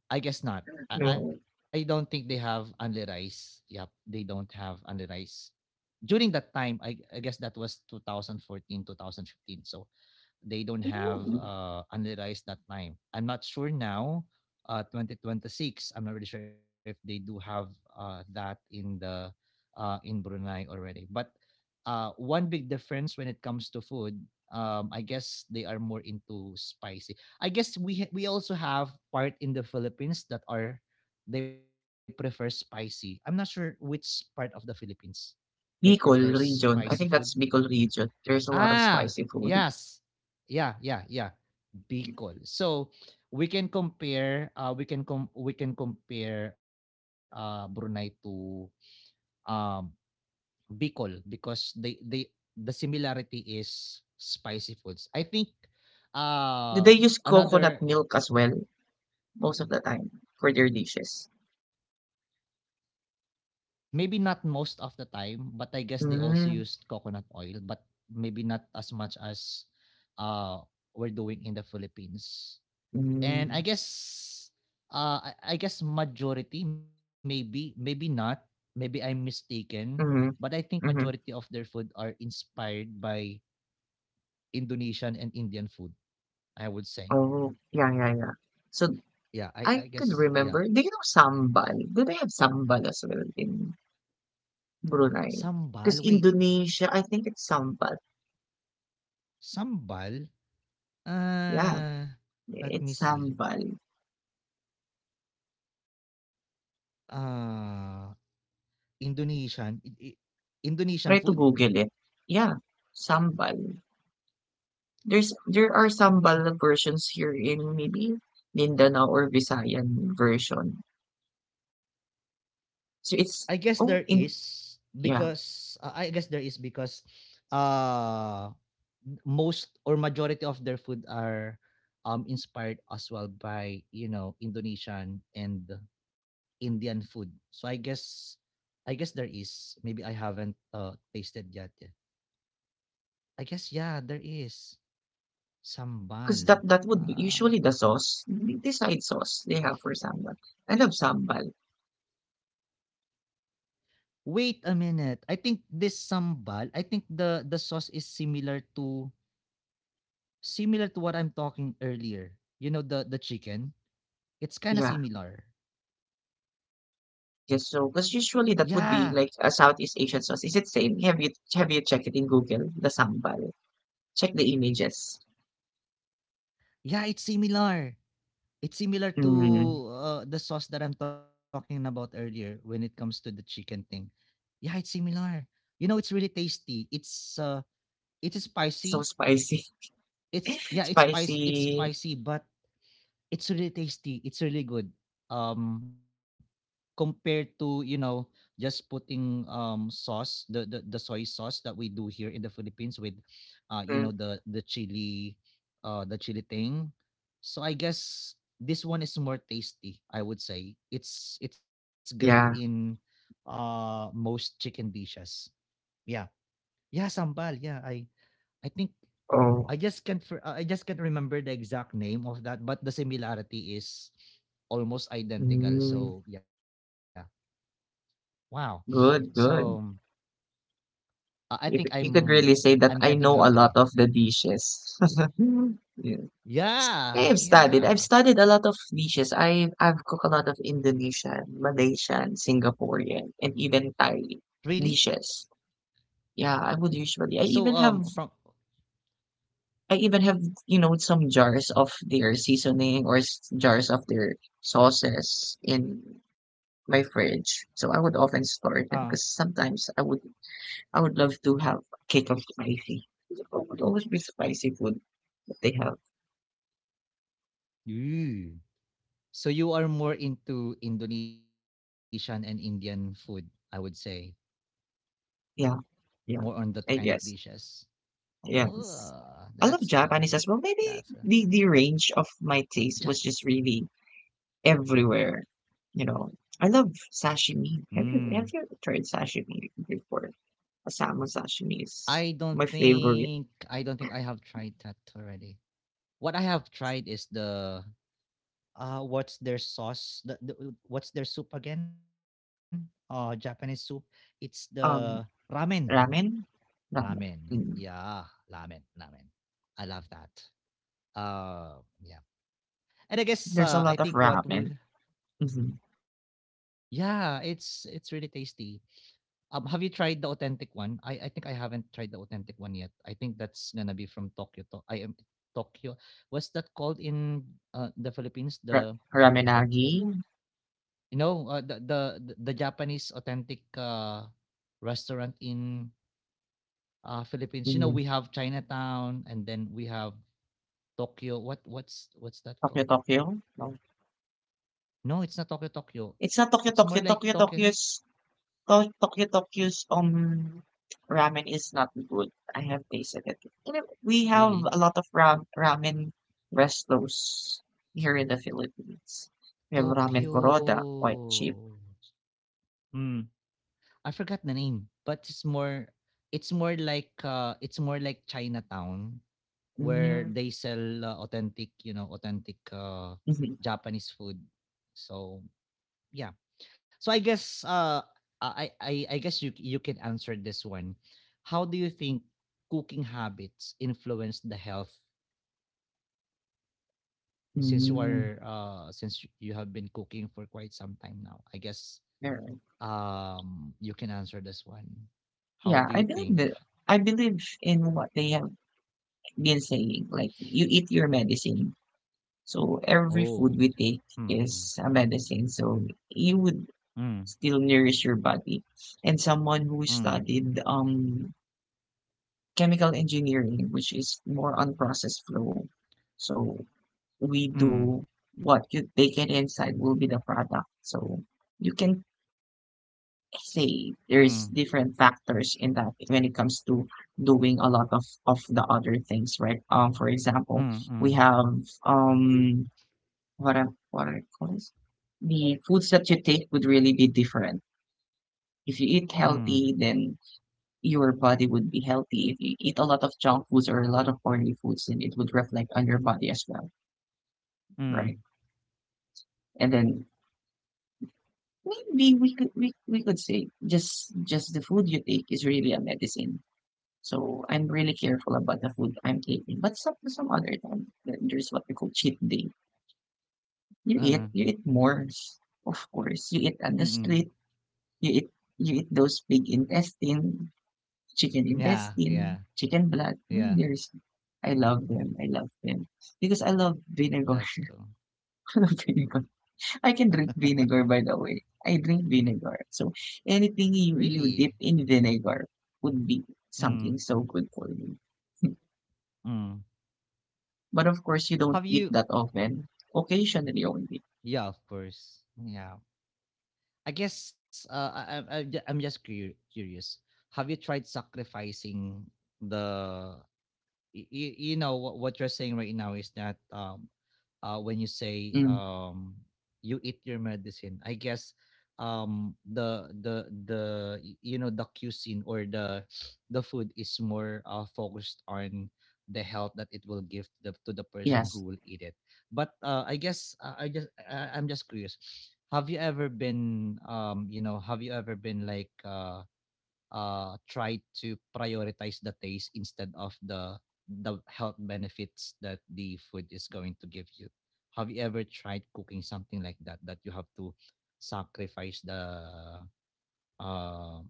S1: I guess not. I
S2: No.
S1: don't think they have only rice. Yep, they don't have only rice. During that time, I guess that was 2014, 15. So they don't have unrealized that time. I'm not sure now, 2026. I'm not really sure if they do have that in the in Brunei already. But one big difference when it comes to food, I guess they are more into spicy. I guess we also have part in the Philippines that are they prefer spicy. I'm not sure which part of the Philippines they prefer
S2: Bicol
S1: spicy
S2: region,
S1: food.
S2: I think that's Bicol region. There's a lot of
S1: Ah,
S2: spicy food.
S1: yes. Yeah, yeah, yeah. Bicol. So we can compare, we can compare Brunei to um Bicol because the similarity is spicy foods. I think,
S2: Do
S1: uh
S2: they use coconut
S1: another,
S2: milk as well most of the time for their dishes?
S1: maybe not most of the time, but I guess they also used coconut
S2: Mm,
S1: oil, but maybe not as much as uh we're doing in the Philippines. And I
S2: mm,
S1: guess, I guess majority, maybe maybe not, maybe I'm mistaken, but I think
S2: mhm,
S1: majority of their
S2: mhm.
S1: food are inspired by Indonesian and Indian food, I would say.
S2: Oh, yeah, yeah, yeah. So
S1: Yeah, I
S2: I
S1: I
S2: could
S1: guess, yeah.
S2: remember. Do you know sambal? Do they have sambal as well in Brunei?
S1: Sambal, wait.
S2: Because Indonesia, I think it's sambal.
S1: Sambal,
S2: Yeah,
S1: uh let me
S2: it's
S1: see.
S2: sambal.
S1: uh Indonesian I- I- Indonesian
S2: Try
S1: food.
S2: to Google it. Yeah, sambal. There's there are sambal versions here in maybe Mindanao or Visayan version. So
S1: I
S2: it's
S1: guess
S2: oh
S1: there is
S2: in yeah,
S1: because, uh most or majority of their food are inspired as well by, you know, Indonesian and Indian food. So I guess, I guess there is, maybe I haven't tasted yet, eh. I guess, yeah, there is
S2: because that
S1: sambal.
S2: would be usually
S1: Uh,
S2: the sauce, the side sauce they have for sambal. I love sambal.
S1: Wait a minute. I think this sambal, I think the sauce is similar to, similar to what I'm talking earlier. You know, the chicken. It's kind of
S2: Yeah,
S1: similar.
S2: yes. So because
S1: Yeah,
S2: usually that would be like a Southeast Asian sauce. Is it same? Have you checked it in Google the sambal? Check the images.
S1: yeah, it's similar. It's similar to,
S2: Mm,
S1: the sauce that I'm talking about earlier when it comes to the chicken thing. Yeah, it's similar. You know, it's really tasty. It's, it is spicy.
S2: so spicy,
S1: It's, yeah, it's
S2: spicy.
S1: spicy, but it's really tasty, it's really good. Um, Compared to, you know, just putting sauce, the soy sauce that we do here in the Philippines with, you know,
S2: Mm,
S1: the, the chili thing. So I guess this one is more tasty, I would say. It's great in
S2: yeah.
S1: most chicken dishes. Yeah. Yeah, sambal. Yeah, I think,
S2: Oh,
S1: I just can't remember the exact name of that, but the similarity is almost identical.
S2: mm,
S1: So yeah, wow. So
S2: good, good.
S1: I think
S2: You could you
S1: I'm
S2: could really
S1: I'm
S2: say that
S1: getting
S2: I know
S1: hungry.
S2: a lot of the dishes. Yeah. S-
S1: Yeah,
S2: I have studied. I've
S1: yeah.
S2: studied a lot of dishes. I I've cooked a lot of Indonesian, Malaysian, Singaporean, and even
S1: Really?
S2: Thai dishes. Yeah, I would
S1: So
S2: usually. I
S1: from
S2: even have you know some jars of their seasoning or s- jars of their sauces in my fridge. So I would
S1: uh
S2: often store them because sometimes I would love to have a cake of spicy. It would always be spicy food that they have.
S1: yeah. So you are more into Indonesian and Indian food, I would say.
S2: Yeah,
S1: More on that
S2: yeah.
S1: kind of
S2: I
S1: dishes.
S2: guess.
S1: Oh,
S2: Yes.
S1: that's
S2: I love
S1: cool.
S2: Japanese as well.
S1: That's cool.
S2: Maybe the range of my taste
S1: Jap.
S2: was just really everywhere. You know, I love
S1: Mm.
S2: sashimi. Have you ever tried sashimi before? A salmon sashimi is my
S1: I
S2: favorite.
S1: don't think I have tried that already. What I have tried is the what's their sauce? The, what's their soup again? Japanese soup. It's the ramen.
S2: Um, ramen,
S1: Ramen.
S2: ramen.
S1: Yeah,
S2: Mm.
S1: ramen, ramen. I love that. Yeah. And I guess
S2: There's a
S1: I
S2: lot of
S1: think what we
S2: ramen. Mm-hmm.
S1: yeah, it's really tasty. Have you tried the authentic one? I think I haven't tried the authentic one yet. I think that's gonna be from Tokyo. I am Tokyo. What's that called in the Philippines? The
S2: Ra-
S1: the
S2: ramenagi.
S1: you know, the Japanese authentic restaurant in Philippines. You know,
S2: Mm.
S1: we have Chinatown and then we have Tokyo. What's that
S2: Tokyo
S1: called?
S2: Tokyo.
S1: No, it's not Tokyo, Tokyo.
S2: It's not
S1: It's more like Tokyo.
S2: Tokyo's To Tokyo Tokyo's, ramen is not good. I have tasted it. You know, we have
S1: Really,
S2: a lot of ra ramen restos here in the Philippines. We have Ramen
S1: Tokyo.
S2: Coroda, quite cheap.
S1: Hmm. I forgot the name, but it's more, it's more like, Chinatown where
S2: Mm,
S1: they sell authentic, you know, authentic,
S2: mhm,
S1: Japanese food. So, yeah. So I guess, I guess you, you can answer this one. How do you think cooking habits influence the health since you
S2: mm,
S1: are, since you have been cooking for quite some time now? I guess
S2: alright.
S1: you can answer this one.
S2: Yeah,
S1: How
S2: I
S1: do you
S2: believe
S1: think?
S2: that I believe in what they have been saying, like, you eat your medicine. So every food we
S1: Oh.
S2: take
S1: Mm,
S2: is a medicine, so you would
S1: mm,
S2: still nourish your body. And someone who
S1: mm,
S2: studied chemical engineering, which is more on process flow. So we
S1: mm,
S2: do what you take it inside will be the product. So you can say there's
S1: mm,
S2: different factors in that when it comes to doing a lot of the other things, right? For example,
S1: mm,
S2: we
S1: mm,
S2: have um what are it called the foods that you take would really be different. If you eat
S1: mm,
S2: healthy, then your body would be healthy. If you eat a lot of junk foods or a lot of oily foods, then it would reflect on your body as well, right?
S1: mm,
S2: And then maybe we could say just the food you take is really a medicine. So I'm really careful about the food I'm taking. But some other time, th- there's what we call cheat day.
S1: uh-uh,
S2: You eat more, of course. You eat on the
S1: mm-mm.
S2: street. You eat you eat those big
S1: Yeah, yeah,
S2: intestine, chicken blood.
S1: yeah.
S2: Mm, there's, I love them. I love them because I love vinegar.
S1: That's cool.
S2: I love vinegar. I can drink vinegar. By the way, I drink vinegar. So anything you dip
S1: Really?
S2: in vinegar would be
S1: Mm,
S2: something so good for you.
S1: mm.
S2: But of course, you don't
S1: Have
S2: eat
S1: you?
S2: that often. Occasionally only.
S1: Yeah, of course. Yeah. I guess, I'm just curious. Have you tried sacrificing the, you know what you're saying right now is that when you say
S2: Mm,
S1: you eat your medicine. I guess the, y- you know, the cuisine or the the food is more focused on the health that it will give to the person who
S2: yes.
S1: will eat it. But I guess, I'm just curious, have you ever been, you know, have you ever been like, try to prioritize the taste instead of the health benefits that the food is going to give you. Have you ever tried cooking something like that that you have to sacrifice um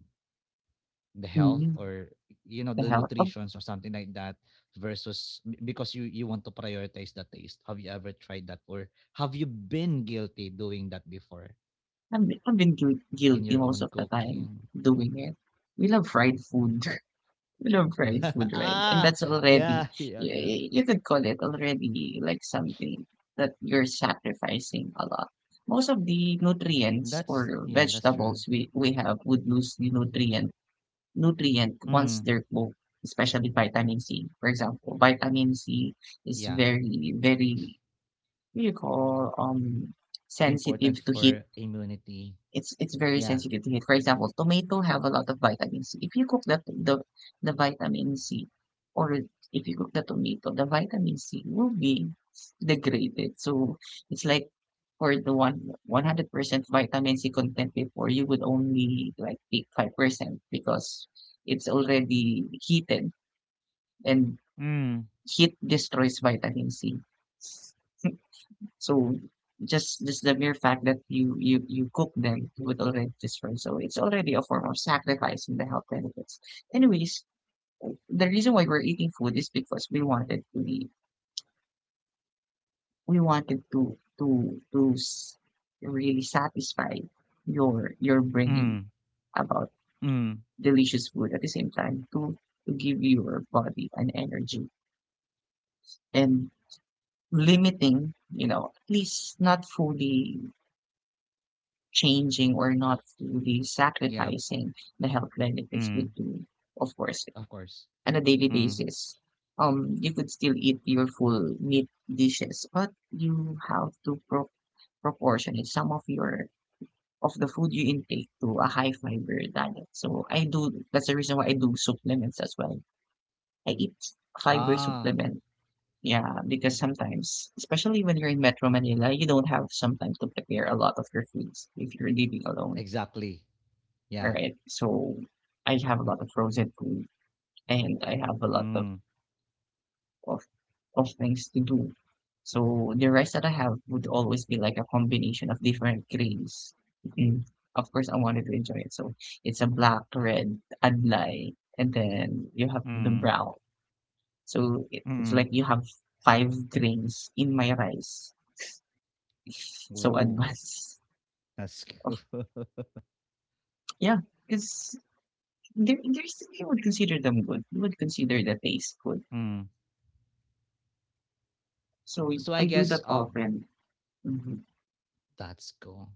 S1: the health
S2: Mm,
S1: or, you know,
S2: the
S1: the
S2: hell. I've,
S1: nutritions or something like that versus because you want to prioritize the taste. Have you ever tried that or have you been guilty doing that before
S2: I've been guil-
S1: in
S2: guilty
S1: your
S2: most
S1: own
S2: of the time
S1: cooking?
S2: doing it. We love fried food. Love fried food, right? And
S1: Ah,
S2: that's already,
S1: yeah, yeah,
S2: you,
S1: yeah.
S2: you could call it already like something that you're sacrificing a lot. Most of the nutrients
S1: That's,
S2: or
S1: yeah, that's true.
S2: vegetables we have would lose the nutrient once
S1: Mm.
S2: they're cooked, especially vitamin C. For example, vitamin C is
S1: Yeah,
S2: what do you call,
S1: important
S2: sensitive to heat
S1: for immunity.
S2: it's very
S1: Yeah.
S2: sensitive to heat. For example, tomato have a lot of vitamin C. If you cook that the vitamin C, or if you cook the tomato, the vitamin C will be degraded. So it's like for the one hundred percent vitamin C content before you would only like take 5% because it's already heated and
S1: Mm.
S2: heat destroys vitamin C. So just the mere fact that you cook them would already destroy. So it's already a form of sacrifice in the health benefits. Anyways, the reason why we're eating food is because we wanted to s- really satisfy your brain
S1: Mm.
S2: about
S1: Mm.
S2: delicious food at the same time to give your body an energy and limiting you know at least not fully changing or not fully
S1: Yeah.
S2: sacrificing the health benefits would
S1: Mm.
S2: do, of course,
S1: Of course.
S2: on a daily
S1: Mm.
S2: basis. You could still eat your full meat dishes, but you have to pro- proportion it some of your of the food you intake to a high fiber diet. So I do. That's the reason why I do supplements as well. I eat fiber
S1: Ah,
S2: supplement. Yeah, because sometimes, especially when you're in Metro Manila, you don't have some time to prepare a lot of your foods if you're living alone.
S1: exactly. Yeah.
S2: Right. So I have a lot of frozen food and I have a lot
S1: Mm.
S2: of of things to do. So the rice that I have would always be like a combination of different grains. Mm, of course, I wanted to enjoy it. So it's a black, red, adlai, and then you have the
S1: Mm.
S2: brown. So it, it's
S1: Mm.
S2: like you have five grains in my rice. So
S1: Ooh,
S2: advanced.
S1: that's
S2: Of,
S1: cool.
S2: yeah, because there, there's, you would consider them good. You would consider the taste good.
S1: Mm.
S2: So we
S1: so I
S2: I do
S1: guess
S2: that
S1: um
S2: often. Mhm.
S1: That's cool.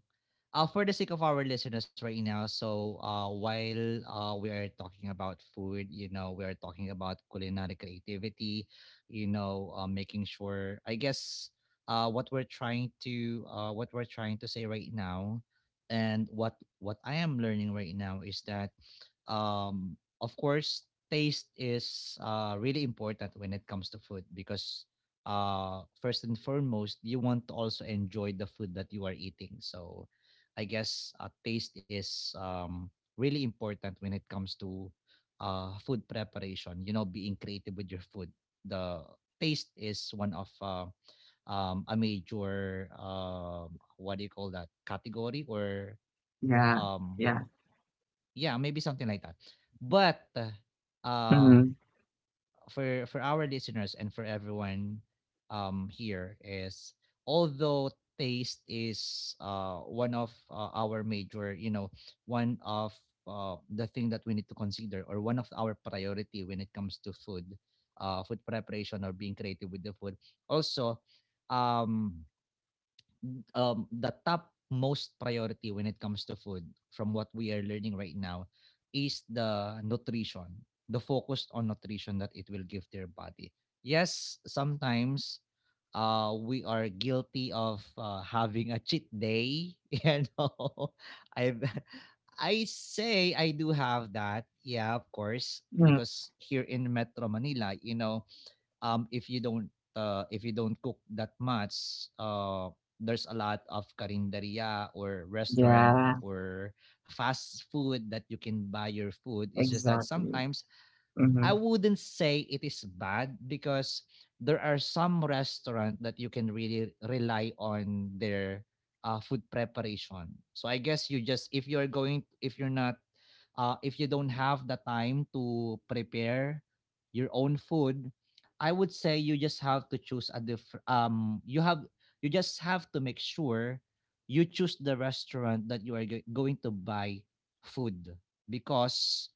S1: For the sake of our listeners right now, so while we are talking about food, you know, we are talking about culinary creativity, you know, making sure, I guess, what we're trying to say right now, and what I am learning right now is that of course taste is really important when it comes to food, because first and foremost you want to also enjoy the food that you are eating. So taste is really important when it comes to food preparation, you know, being creative with your food. The taste is one of a major, what do you call that, category? or
S2: Yeah,
S1: um
S2: yeah.
S1: yeah, maybe something like that. But uh,
S2: Mhm.
S1: for our listeners and for everyone here is, although taste is one of our major, you know, one of the thing that we need to consider, or one of our priority when it comes to food, food preparation or being creative with the food, also um the top most priority when it comes to food, from what we are learning right now, is the nutrition, the focus on nutrition that it will give their body. Yes, sometimes we are guilty of having a cheat day. You know, I I say I do have that. Yeah, of course,
S2: Hmm.
S1: because here in Metro Manila, you know, um, if you don't if you don't cook that much, uh, there's a lot of karinderia or restaurant
S2: Yeah,
S1: or fast food that you can buy your food. It's just that
S2: exactly.
S1: sometimes I
S2: Mhm.
S1: wouldn't say it is bad, because there are some restaurant that you can really rely on their food preparation. So I guess you just, if you're going, if you're not if you don't have the time to prepare your own food, I would say you just have to choose a different, you have, you just have to make sure you choose the restaurant that you are going to buy food, because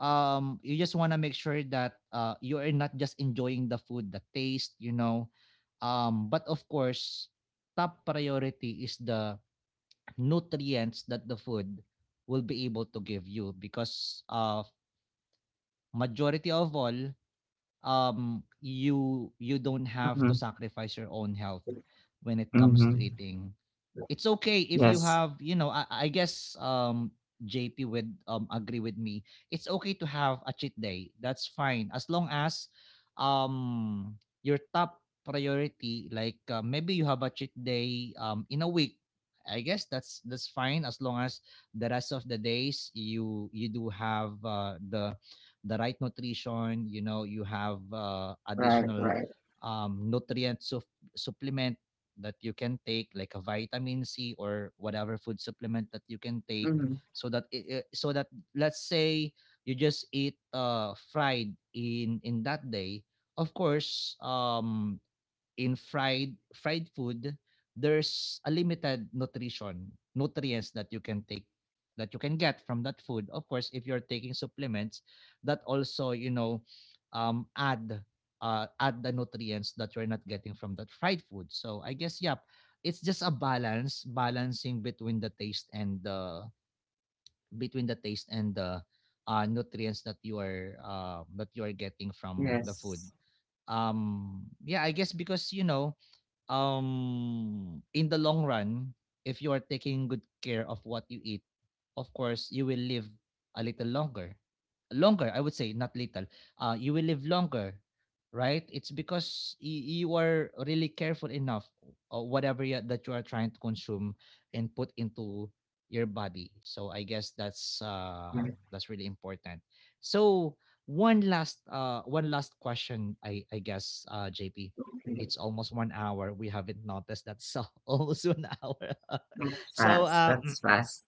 S1: you just want to make sure that you are not just enjoying the food, the taste, you know, but of course top priority is the nutrients that the food will be able to give you, because majority of all, you, you don't have to
S2: Mhm.
S1: sacrifice your own health when it comes to
S2: Mhm.
S1: eating. It's okay if you
S2: Yes.
S1: have, you know, I guess JP would agree with me, it's okay to have a cheat day, that's fine as long as um your top priority, like maybe you have a cheat day in a week, I guess that's fine as long as the rest of the days, you do have the right nutrition, you know, you have
S2: Right,
S1: additional
S2: right.
S1: nutrient supplement that you can take, like a vitamin C or whatever food supplement that you can take,
S2: Mhm.
S1: so that it, so that let's say you just eat fried in that day, of course in fried fried food, there's a limited nutrition nutrients that you can take, that you can get from that food. Of course, if you're taking supplements, that also, you know, add add the nutrients that you're not getting from that fried food. So I guess, yep, it's just a balance balancing between the taste and the, between the taste and the nutrients that you are getting from the food.
S2: Yes.
S1: Yeah, I guess, because you know in the long run, if you are taking good care of what you eat, of course you will live a little longer, longer I would say, not little. You will live longer, right? It's because you are really careful enough or whatever that you are trying to consume and put into your body. So I guess
S2: Right,
S1: that's really important. So one last question, I guess JP,
S2: okay.
S1: it's almost 1 hour. We haven't noticed that. So almost 1 hour.
S2: That's
S1: so
S2: fast.
S1: uh, mm,
S2: That's fast.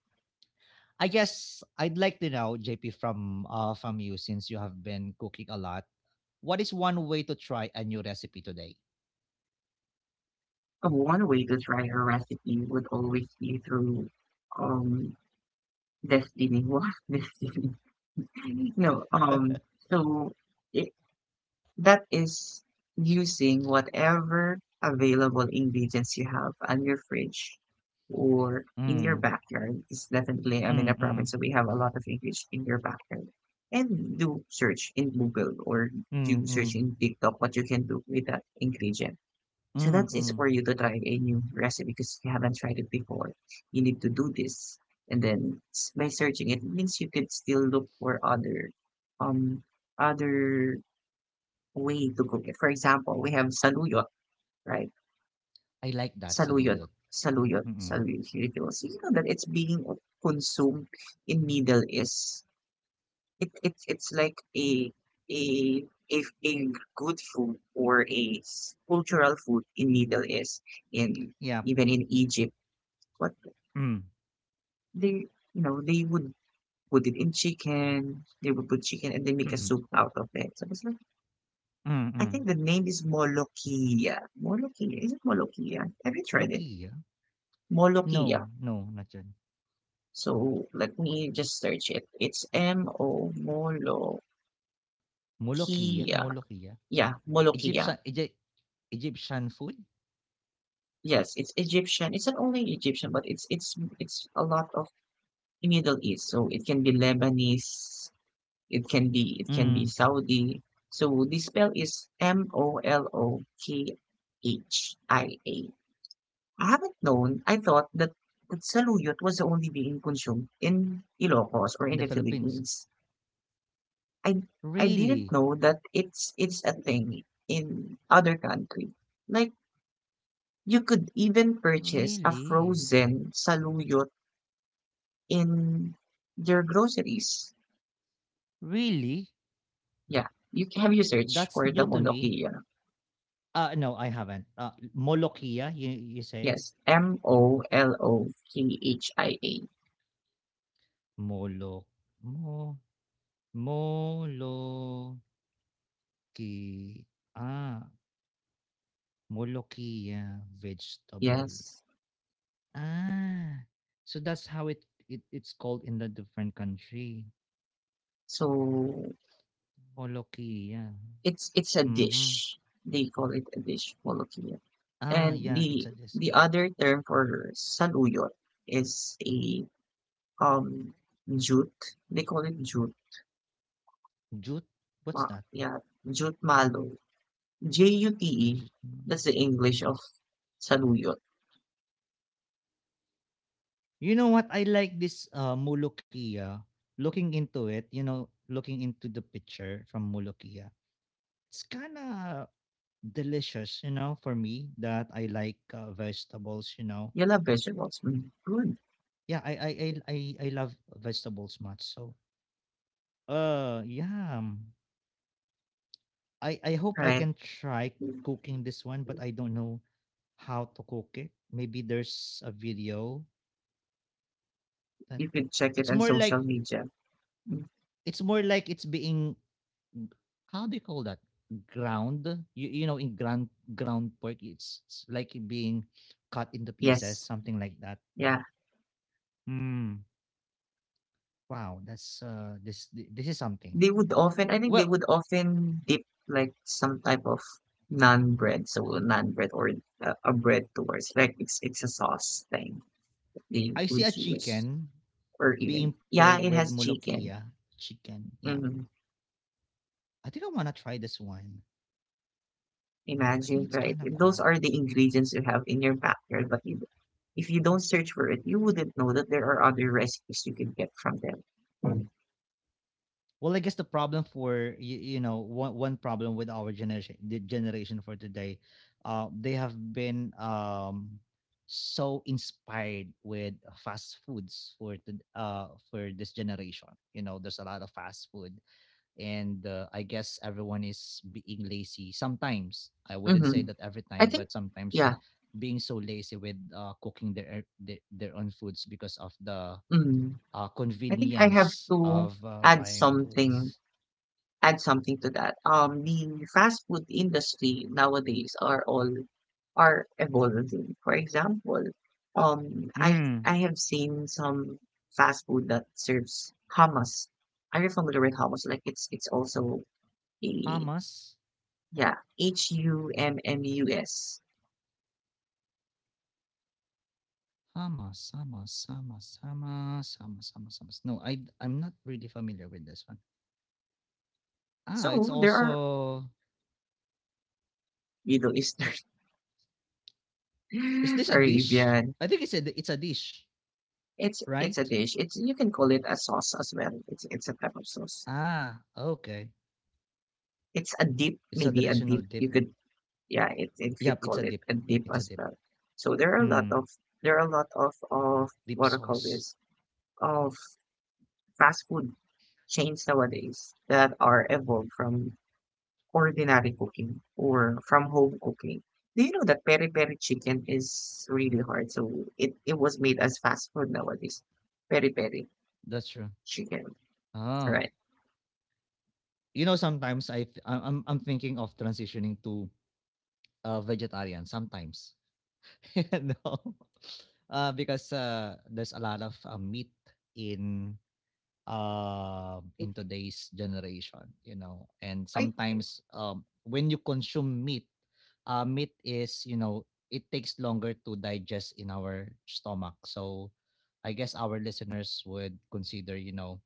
S1: I guess I'd like to know, JP, from you since you have been cooking a lot. What is one way to try a new recipe today?
S2: One way to try her recipe would always be through um destiny. What destiny? No, so I that is using whatever available ingredients you have on your fridge or in your
S1: Mm,
S2: backyard. It's definitely, I'm in
S1: mm,
S2: a province,
S1: mm,
S2: so we have a lot of English in your backyard. And do search in Google or
S1: mm,
S2: do search
S1: mm,
S2: in TikTok what you can do with that ingredient. So
S1: mm,
S2: that is
S1: mm.
S2: for you to try a new recipe because you haven't tried it before. You need to do this. And then by searching it means you could still look for um other way to cook it. For example, we have saluyot, right?
S1: I like that,
S2: Saluyot,
S1: Saluyot. Mm-mm.
S2: saluyot noodles. You will see, you know that it's being consumed in Middle East. It it's like a a good food or a cultural food in Middle East, in
S1: Yeah.
S2: even in Egypt. What
S1: Mm.
S2: they you know they would put it in chicken. They would put chicken and they make a soup out of it. So it's like I
S1: Mm-mm.
S2: think the name is Molokhia. Molokhia? Is it Molokhia? Have you tried it?
S1: Lokia?
S2: Molokhia.
S1: No, no, not yan.
S2: So let me just search it. It's M O
S1: Molokia?
S2: Molokhia.
S1: Molokia?
S2: Yeah, Molokhia.
S1: Egyptian, Egyptian food?
S2: Yes, it's Egyptian. It's not only Egyptian, but it's a lot of Middle East. So it can be Lebanese. It can be
S1: Mm.
S2: Saudi. So the spell is Molokhia. I haven't known. I thought that saluyot was only being consumed in Ilocos or
S1: In
S2: in
S1: the
S2: the
S1: Philippines.
S2: Philippines. I I didn't
S1: Really?
S2: know that it's a thing in other country. Like you could even purchase a
S1: Really?
S2: frozen saluyot in your groceries.
S1: Really?
S2: Yeah. You have you search
S1: That's
S2: for the
S1: new to me.
S2: Molokhia.
S1: Uh, no, I haven't. Molokia, you say?
S2: Yes. Molokhia.
S1: Molo mo Moloki. Ah, Molokia vegetable.
S2: Yes.
S1: Ah. So that's how it it's called in the different country.
S2: So
S1: Molokia.
S2: it's a
S1: Mhm.
S2: dish. They call it a dish, molokhia.
S1: Ah,
S2: And
S1: yeah, it's a this.
S2: the other term for saluyot is a um jute. They call it jute.
S1: Jute? What's
S2: Ma-
S1: that?
S2: yeah, jute malo. jute.
S1: Jute.
S2: That's
S1: Mm.
S2: the English of saluyot.
S1: You know what? I like this Molokhia. Looking into it, you know, looking into the picture from mulukia, it's kind of delicious, you know, for me that I like vegetables, you know.
S2: Yellow vegetables. Mm, good,
S1: Yeah, I love vegetables much. So, uh, yeah, um, I hope I
S2: right?
S1: can try cooking this one, but I don't know how to cook it. Maybe there's a video that
S2: You could check it
S1: it's
S2: on
S1: more
S2: social
S1: like,
S2: media. Mm,
S1: it's more like it's being, how do you call that, ground, you know, in ground, ground pork, it's like being cut into pieces,
S2: yes,
S1: something like that.
S2: yeah.
S1: Mm. Wow, that's this this is something.
S2: They would often I think they
S1: Well,
S2: would often dip like some type of non bread, so non bread or a bread towards like it's a sauce thing that they
S1: I see a
S2: would use
S1: chicken
S2: or even
S1: being paired
S2: yeah, it
S1: with
S2: has chicken.
S1: molokhia, chicken, yeah.
S2: Hmm.
S1: I think I want to try this one, I think
S2: Imagine,
S1: it's
S2: right?
S1: kind of
S2: Those
S1: cool.
S2: are the ingredients you have in your backyard, but you, if you don't search for it, you wouldn't know that there are other recipes you can get from them.
S1: Well, I guess the problem for you, you know, one, one problem with our generation, the generation for today, they have been so inspired with fast foods for the for this generation. You know, there's a lot of fast food, and I guess everyone is being lazy, sometimes I wouldn't say
S2: Mm-hmm.
S1: that every
S2: I
S1: time,
S2: think,
S1: but sometimes
S2: yeah.
S1: being so lazy with cooking their own foods because of the
S2: Mm. I think I have
S1: convenience
S2: to
S1: of
S2: add
S1: buying
S2: something
S1: foods.
S2: add something to that. The fast food industry nowadays are all are evolving. For example,
S1: Mm,
S2: I have seen some fast food that serves hummus. Are you familiar with hummus? Like it's also a
S1: Hamas.
S2: yeah hummus.
S1: Hamas. Hamas. Hamas. Hamas. Hamas. Hamas. Hummus. No, I'm not really familiar with this one. Ah, it's
S2: So there are
S1: also,
S2: Middle Eastern,
S1: is this a dish?
S2: Arabian.
S1: I think it's a, it's a dish,
S2: It's a
S1: right?
S2: dish. It's you can call it a sauce as well. It's a type of sauce.
S1: Ah, okay.
S2: It's a dip,
S1: It's a
S2: maybe a
S1: traditional
S2: dip.
S1: dip.
S2: You could yeah, it
S1: Yep,
S2: could
S1: it's a
S2: call it
S1: dip.
S2: a dip
S1: It's a
S2: as
S1: dip.
S2: well. So there are a lot
S1: Mm,
S2: of there are a lot of
S1: dip
S2: what I call
S1: sauce.
S2: this of fast food chains nowadays that are evolved from ordinary cooking or from home cooking. Do you know that peri peri chicken is really hard? So it was made as fast food nowadays. Peri peri
S1: That's true.
S2: chicken,
S1: Ah,
S2: right?
S1: you know, sometimes I'm thinking of transitioning to vegetarian sometimes. No. Because there's a lot of meat in in today's generation, you know, and
S2: I
S1: sometimes when you consume meat, meat is, you know, it takes longer to digest in our stomach. So I guess our listeners would consider, you know,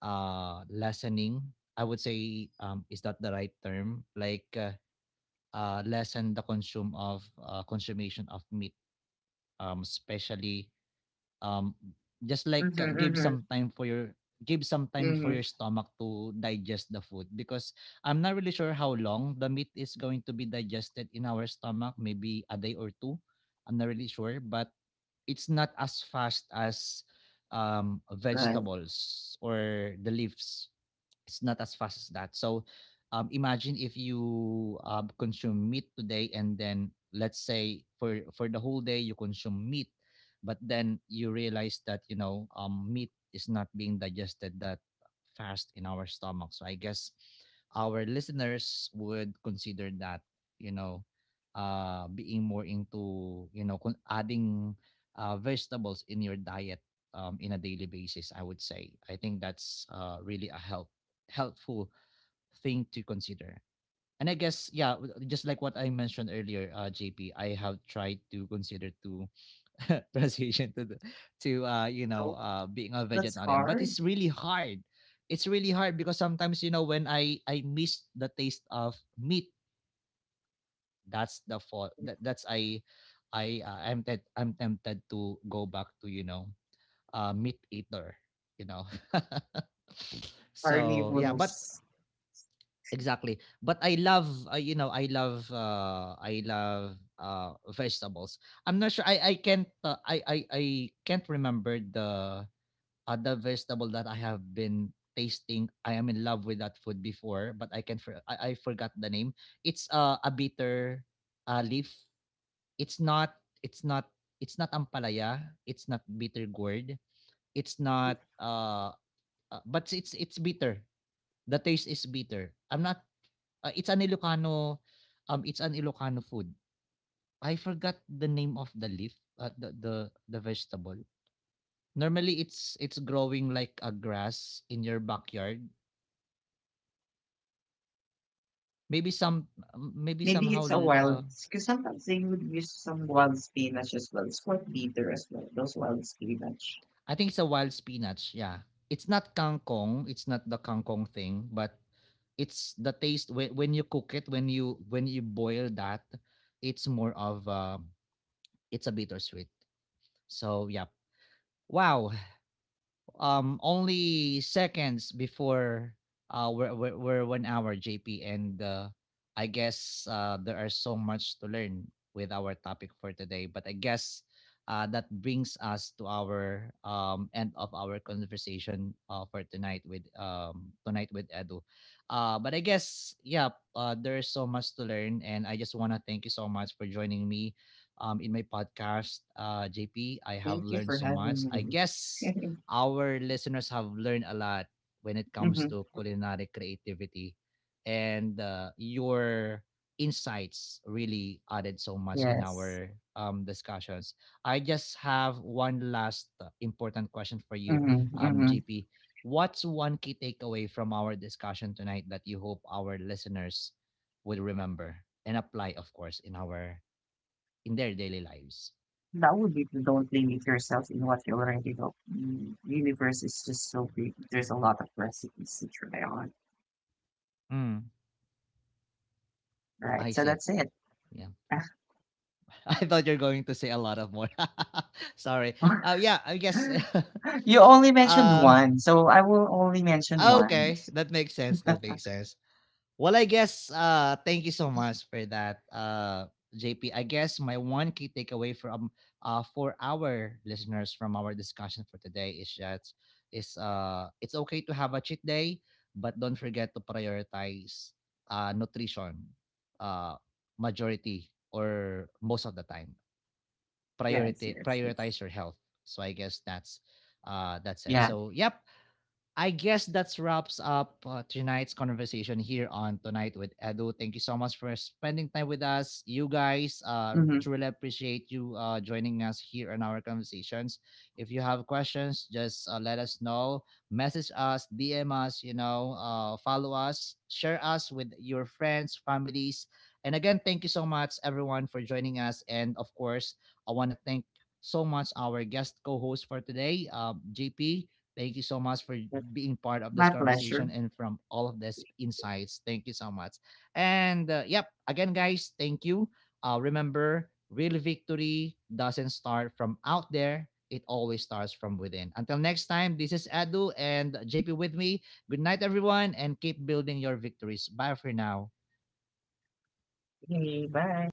S1: lessening. I would say is that the right term? Like lessen the consume of consummation of meat, especially um just like
S2: mm-hmm,
S1: give
S2: mm-hmm,
S1: some time for your, give some time for
S2: mm-hmm,
S1: your stomach to digest the food. Because I'm not really sure how long the meat is going to be digested in our stomach, maybe a day or two. I'm not really sure, but it's not as fast as
S2: right.
S1: vegetables or the leaves. It's not as fast as that. So imagine if you consume meat today, and then let's say for the whole day you consume meat, but then you realize that, you know, meat is not being digested that fast in our stomach. So I guess our listeners would consider that, you know, being more into, you know, adding vegetables in your diet in a daily basis. I would say I think that's really a help helpful thing to consider. And I guess, yeah, just like what I mentioned earlier, JP, I have tried to consider to transition to the, to you
S2: No,
S1: know being a
S2: that's
S1: vegetarian, but
S2: hard.
S1: it's really hard. It's really hard because sometimes, you know, when I miss the taste of meat, that's the fault. That's I'm tempted, I'm tempted to go back to, you know, meat eater, you know. So yeah, but
S2: Carnivorous.
S1: exactly. But I love, you know, I love vegetables. I'm not sure. I can't. I can't remember the other vegetable that I have been tasting. I am in love with that food before, but I can. I forgot the name. It's a bitter leaf. It's not. It's not. It's not ampalaya. It's not bitter gourd. It's not. But it's bitter. The taste is bitter. I'm not it's an Ilocano it's an Ilocano food. I forgot the name of the leaf, the vegetable. Normally it's growing like a grass in your backyard. Maybe some, maybe
S2: Maybe
S1: somehow
S2: it's a
S1: uh
S2: wild, because sometimes they would use some wild spinach as well. It's quite bitter as well, those wild spinach.
S1: I think it's a wild spinach, yeah. It's not kangkong, it's not the kangkong thing, but it's the taste when you cook it, when you, when you boil that, it's more of it's a bittersweet. So yeah, wow. Only seconds before, we're 1 hour, JP, and I guess there are so much to learn with our topic for today, but I guess that brings us to our end of our conversation for tonight, with Tonight with Edu. But I guess, yeah, there is so much to learn, and I just want to thank you so much for joining me in my podcast, JP. I have
S2: Thank you
S1: learned
S2: for
S1: so much.
S2: having
S1: I guess
S2: me.
S1: our listeners have learned a lot when it comes
S2: Hmm.
S1: to culinary creativity, and your insights really added so much in
S2: Yes.
S1: our discussions. I just have one last important question for you,
S2: Mm-hmm, mm-hmm.
S1: gp what's one key takeaway from our discussion tonight that you hope our listeners will remember and apply, of course, in our, in their daily lives?
S2: That would be the don't limit yourself in what you already know. Mm, universe is just so big. There's a lot of recipes to try on.
S1: Mm,
S2: Right.
S1: I
S2: So
S1: see,
S2: that's it.
S1: yeah. I thought you're going to say a lot of more. Sorry. Yeah, I guess.
S2: You only mentioned
S1: uh,
S2: one, so I will only mention one.
S1: okay, that makes sense. That makes sense. Well, I guess. Thank you so much for that, JP. I guess my one key takeaway from for our listeners from our discussion for today is that is it's okay to have a cheat day, but don't forget to prioritize nutrition uh majority or most of the time,
S2: Yes,
S1: priority
S2: yes, yes.
S1: prioritize your health. So I guess that's it,
S2: Yeah.
S1: so yep. I guess that's wraps up tonight's conversation here on Tonight with Edu. Thank you so much for spending time with us. You guys,
S2: Mm-hmm.
S1: truly appreciate you joining us here in our conversations. If you have questions, just let us know. Message us, DM us, you know, follow us, share us with your friends, families. And again, thank you so much, everyone, for joining us. And of course, I want to thank so much our guest co-host for today, JP. Thank you so much for being part of this
S2: My
S1: conversation
S2: pleasure.
S1: and from all of this insights. Thank you so much. And yep, again, guys, thank you. Remember, real victory doesn't start from out there. It always starts from within. Until next time, this is Adu and JP with me. Good night, everyone, and keep building your victories. Bye for now.
S2: Okay, bye.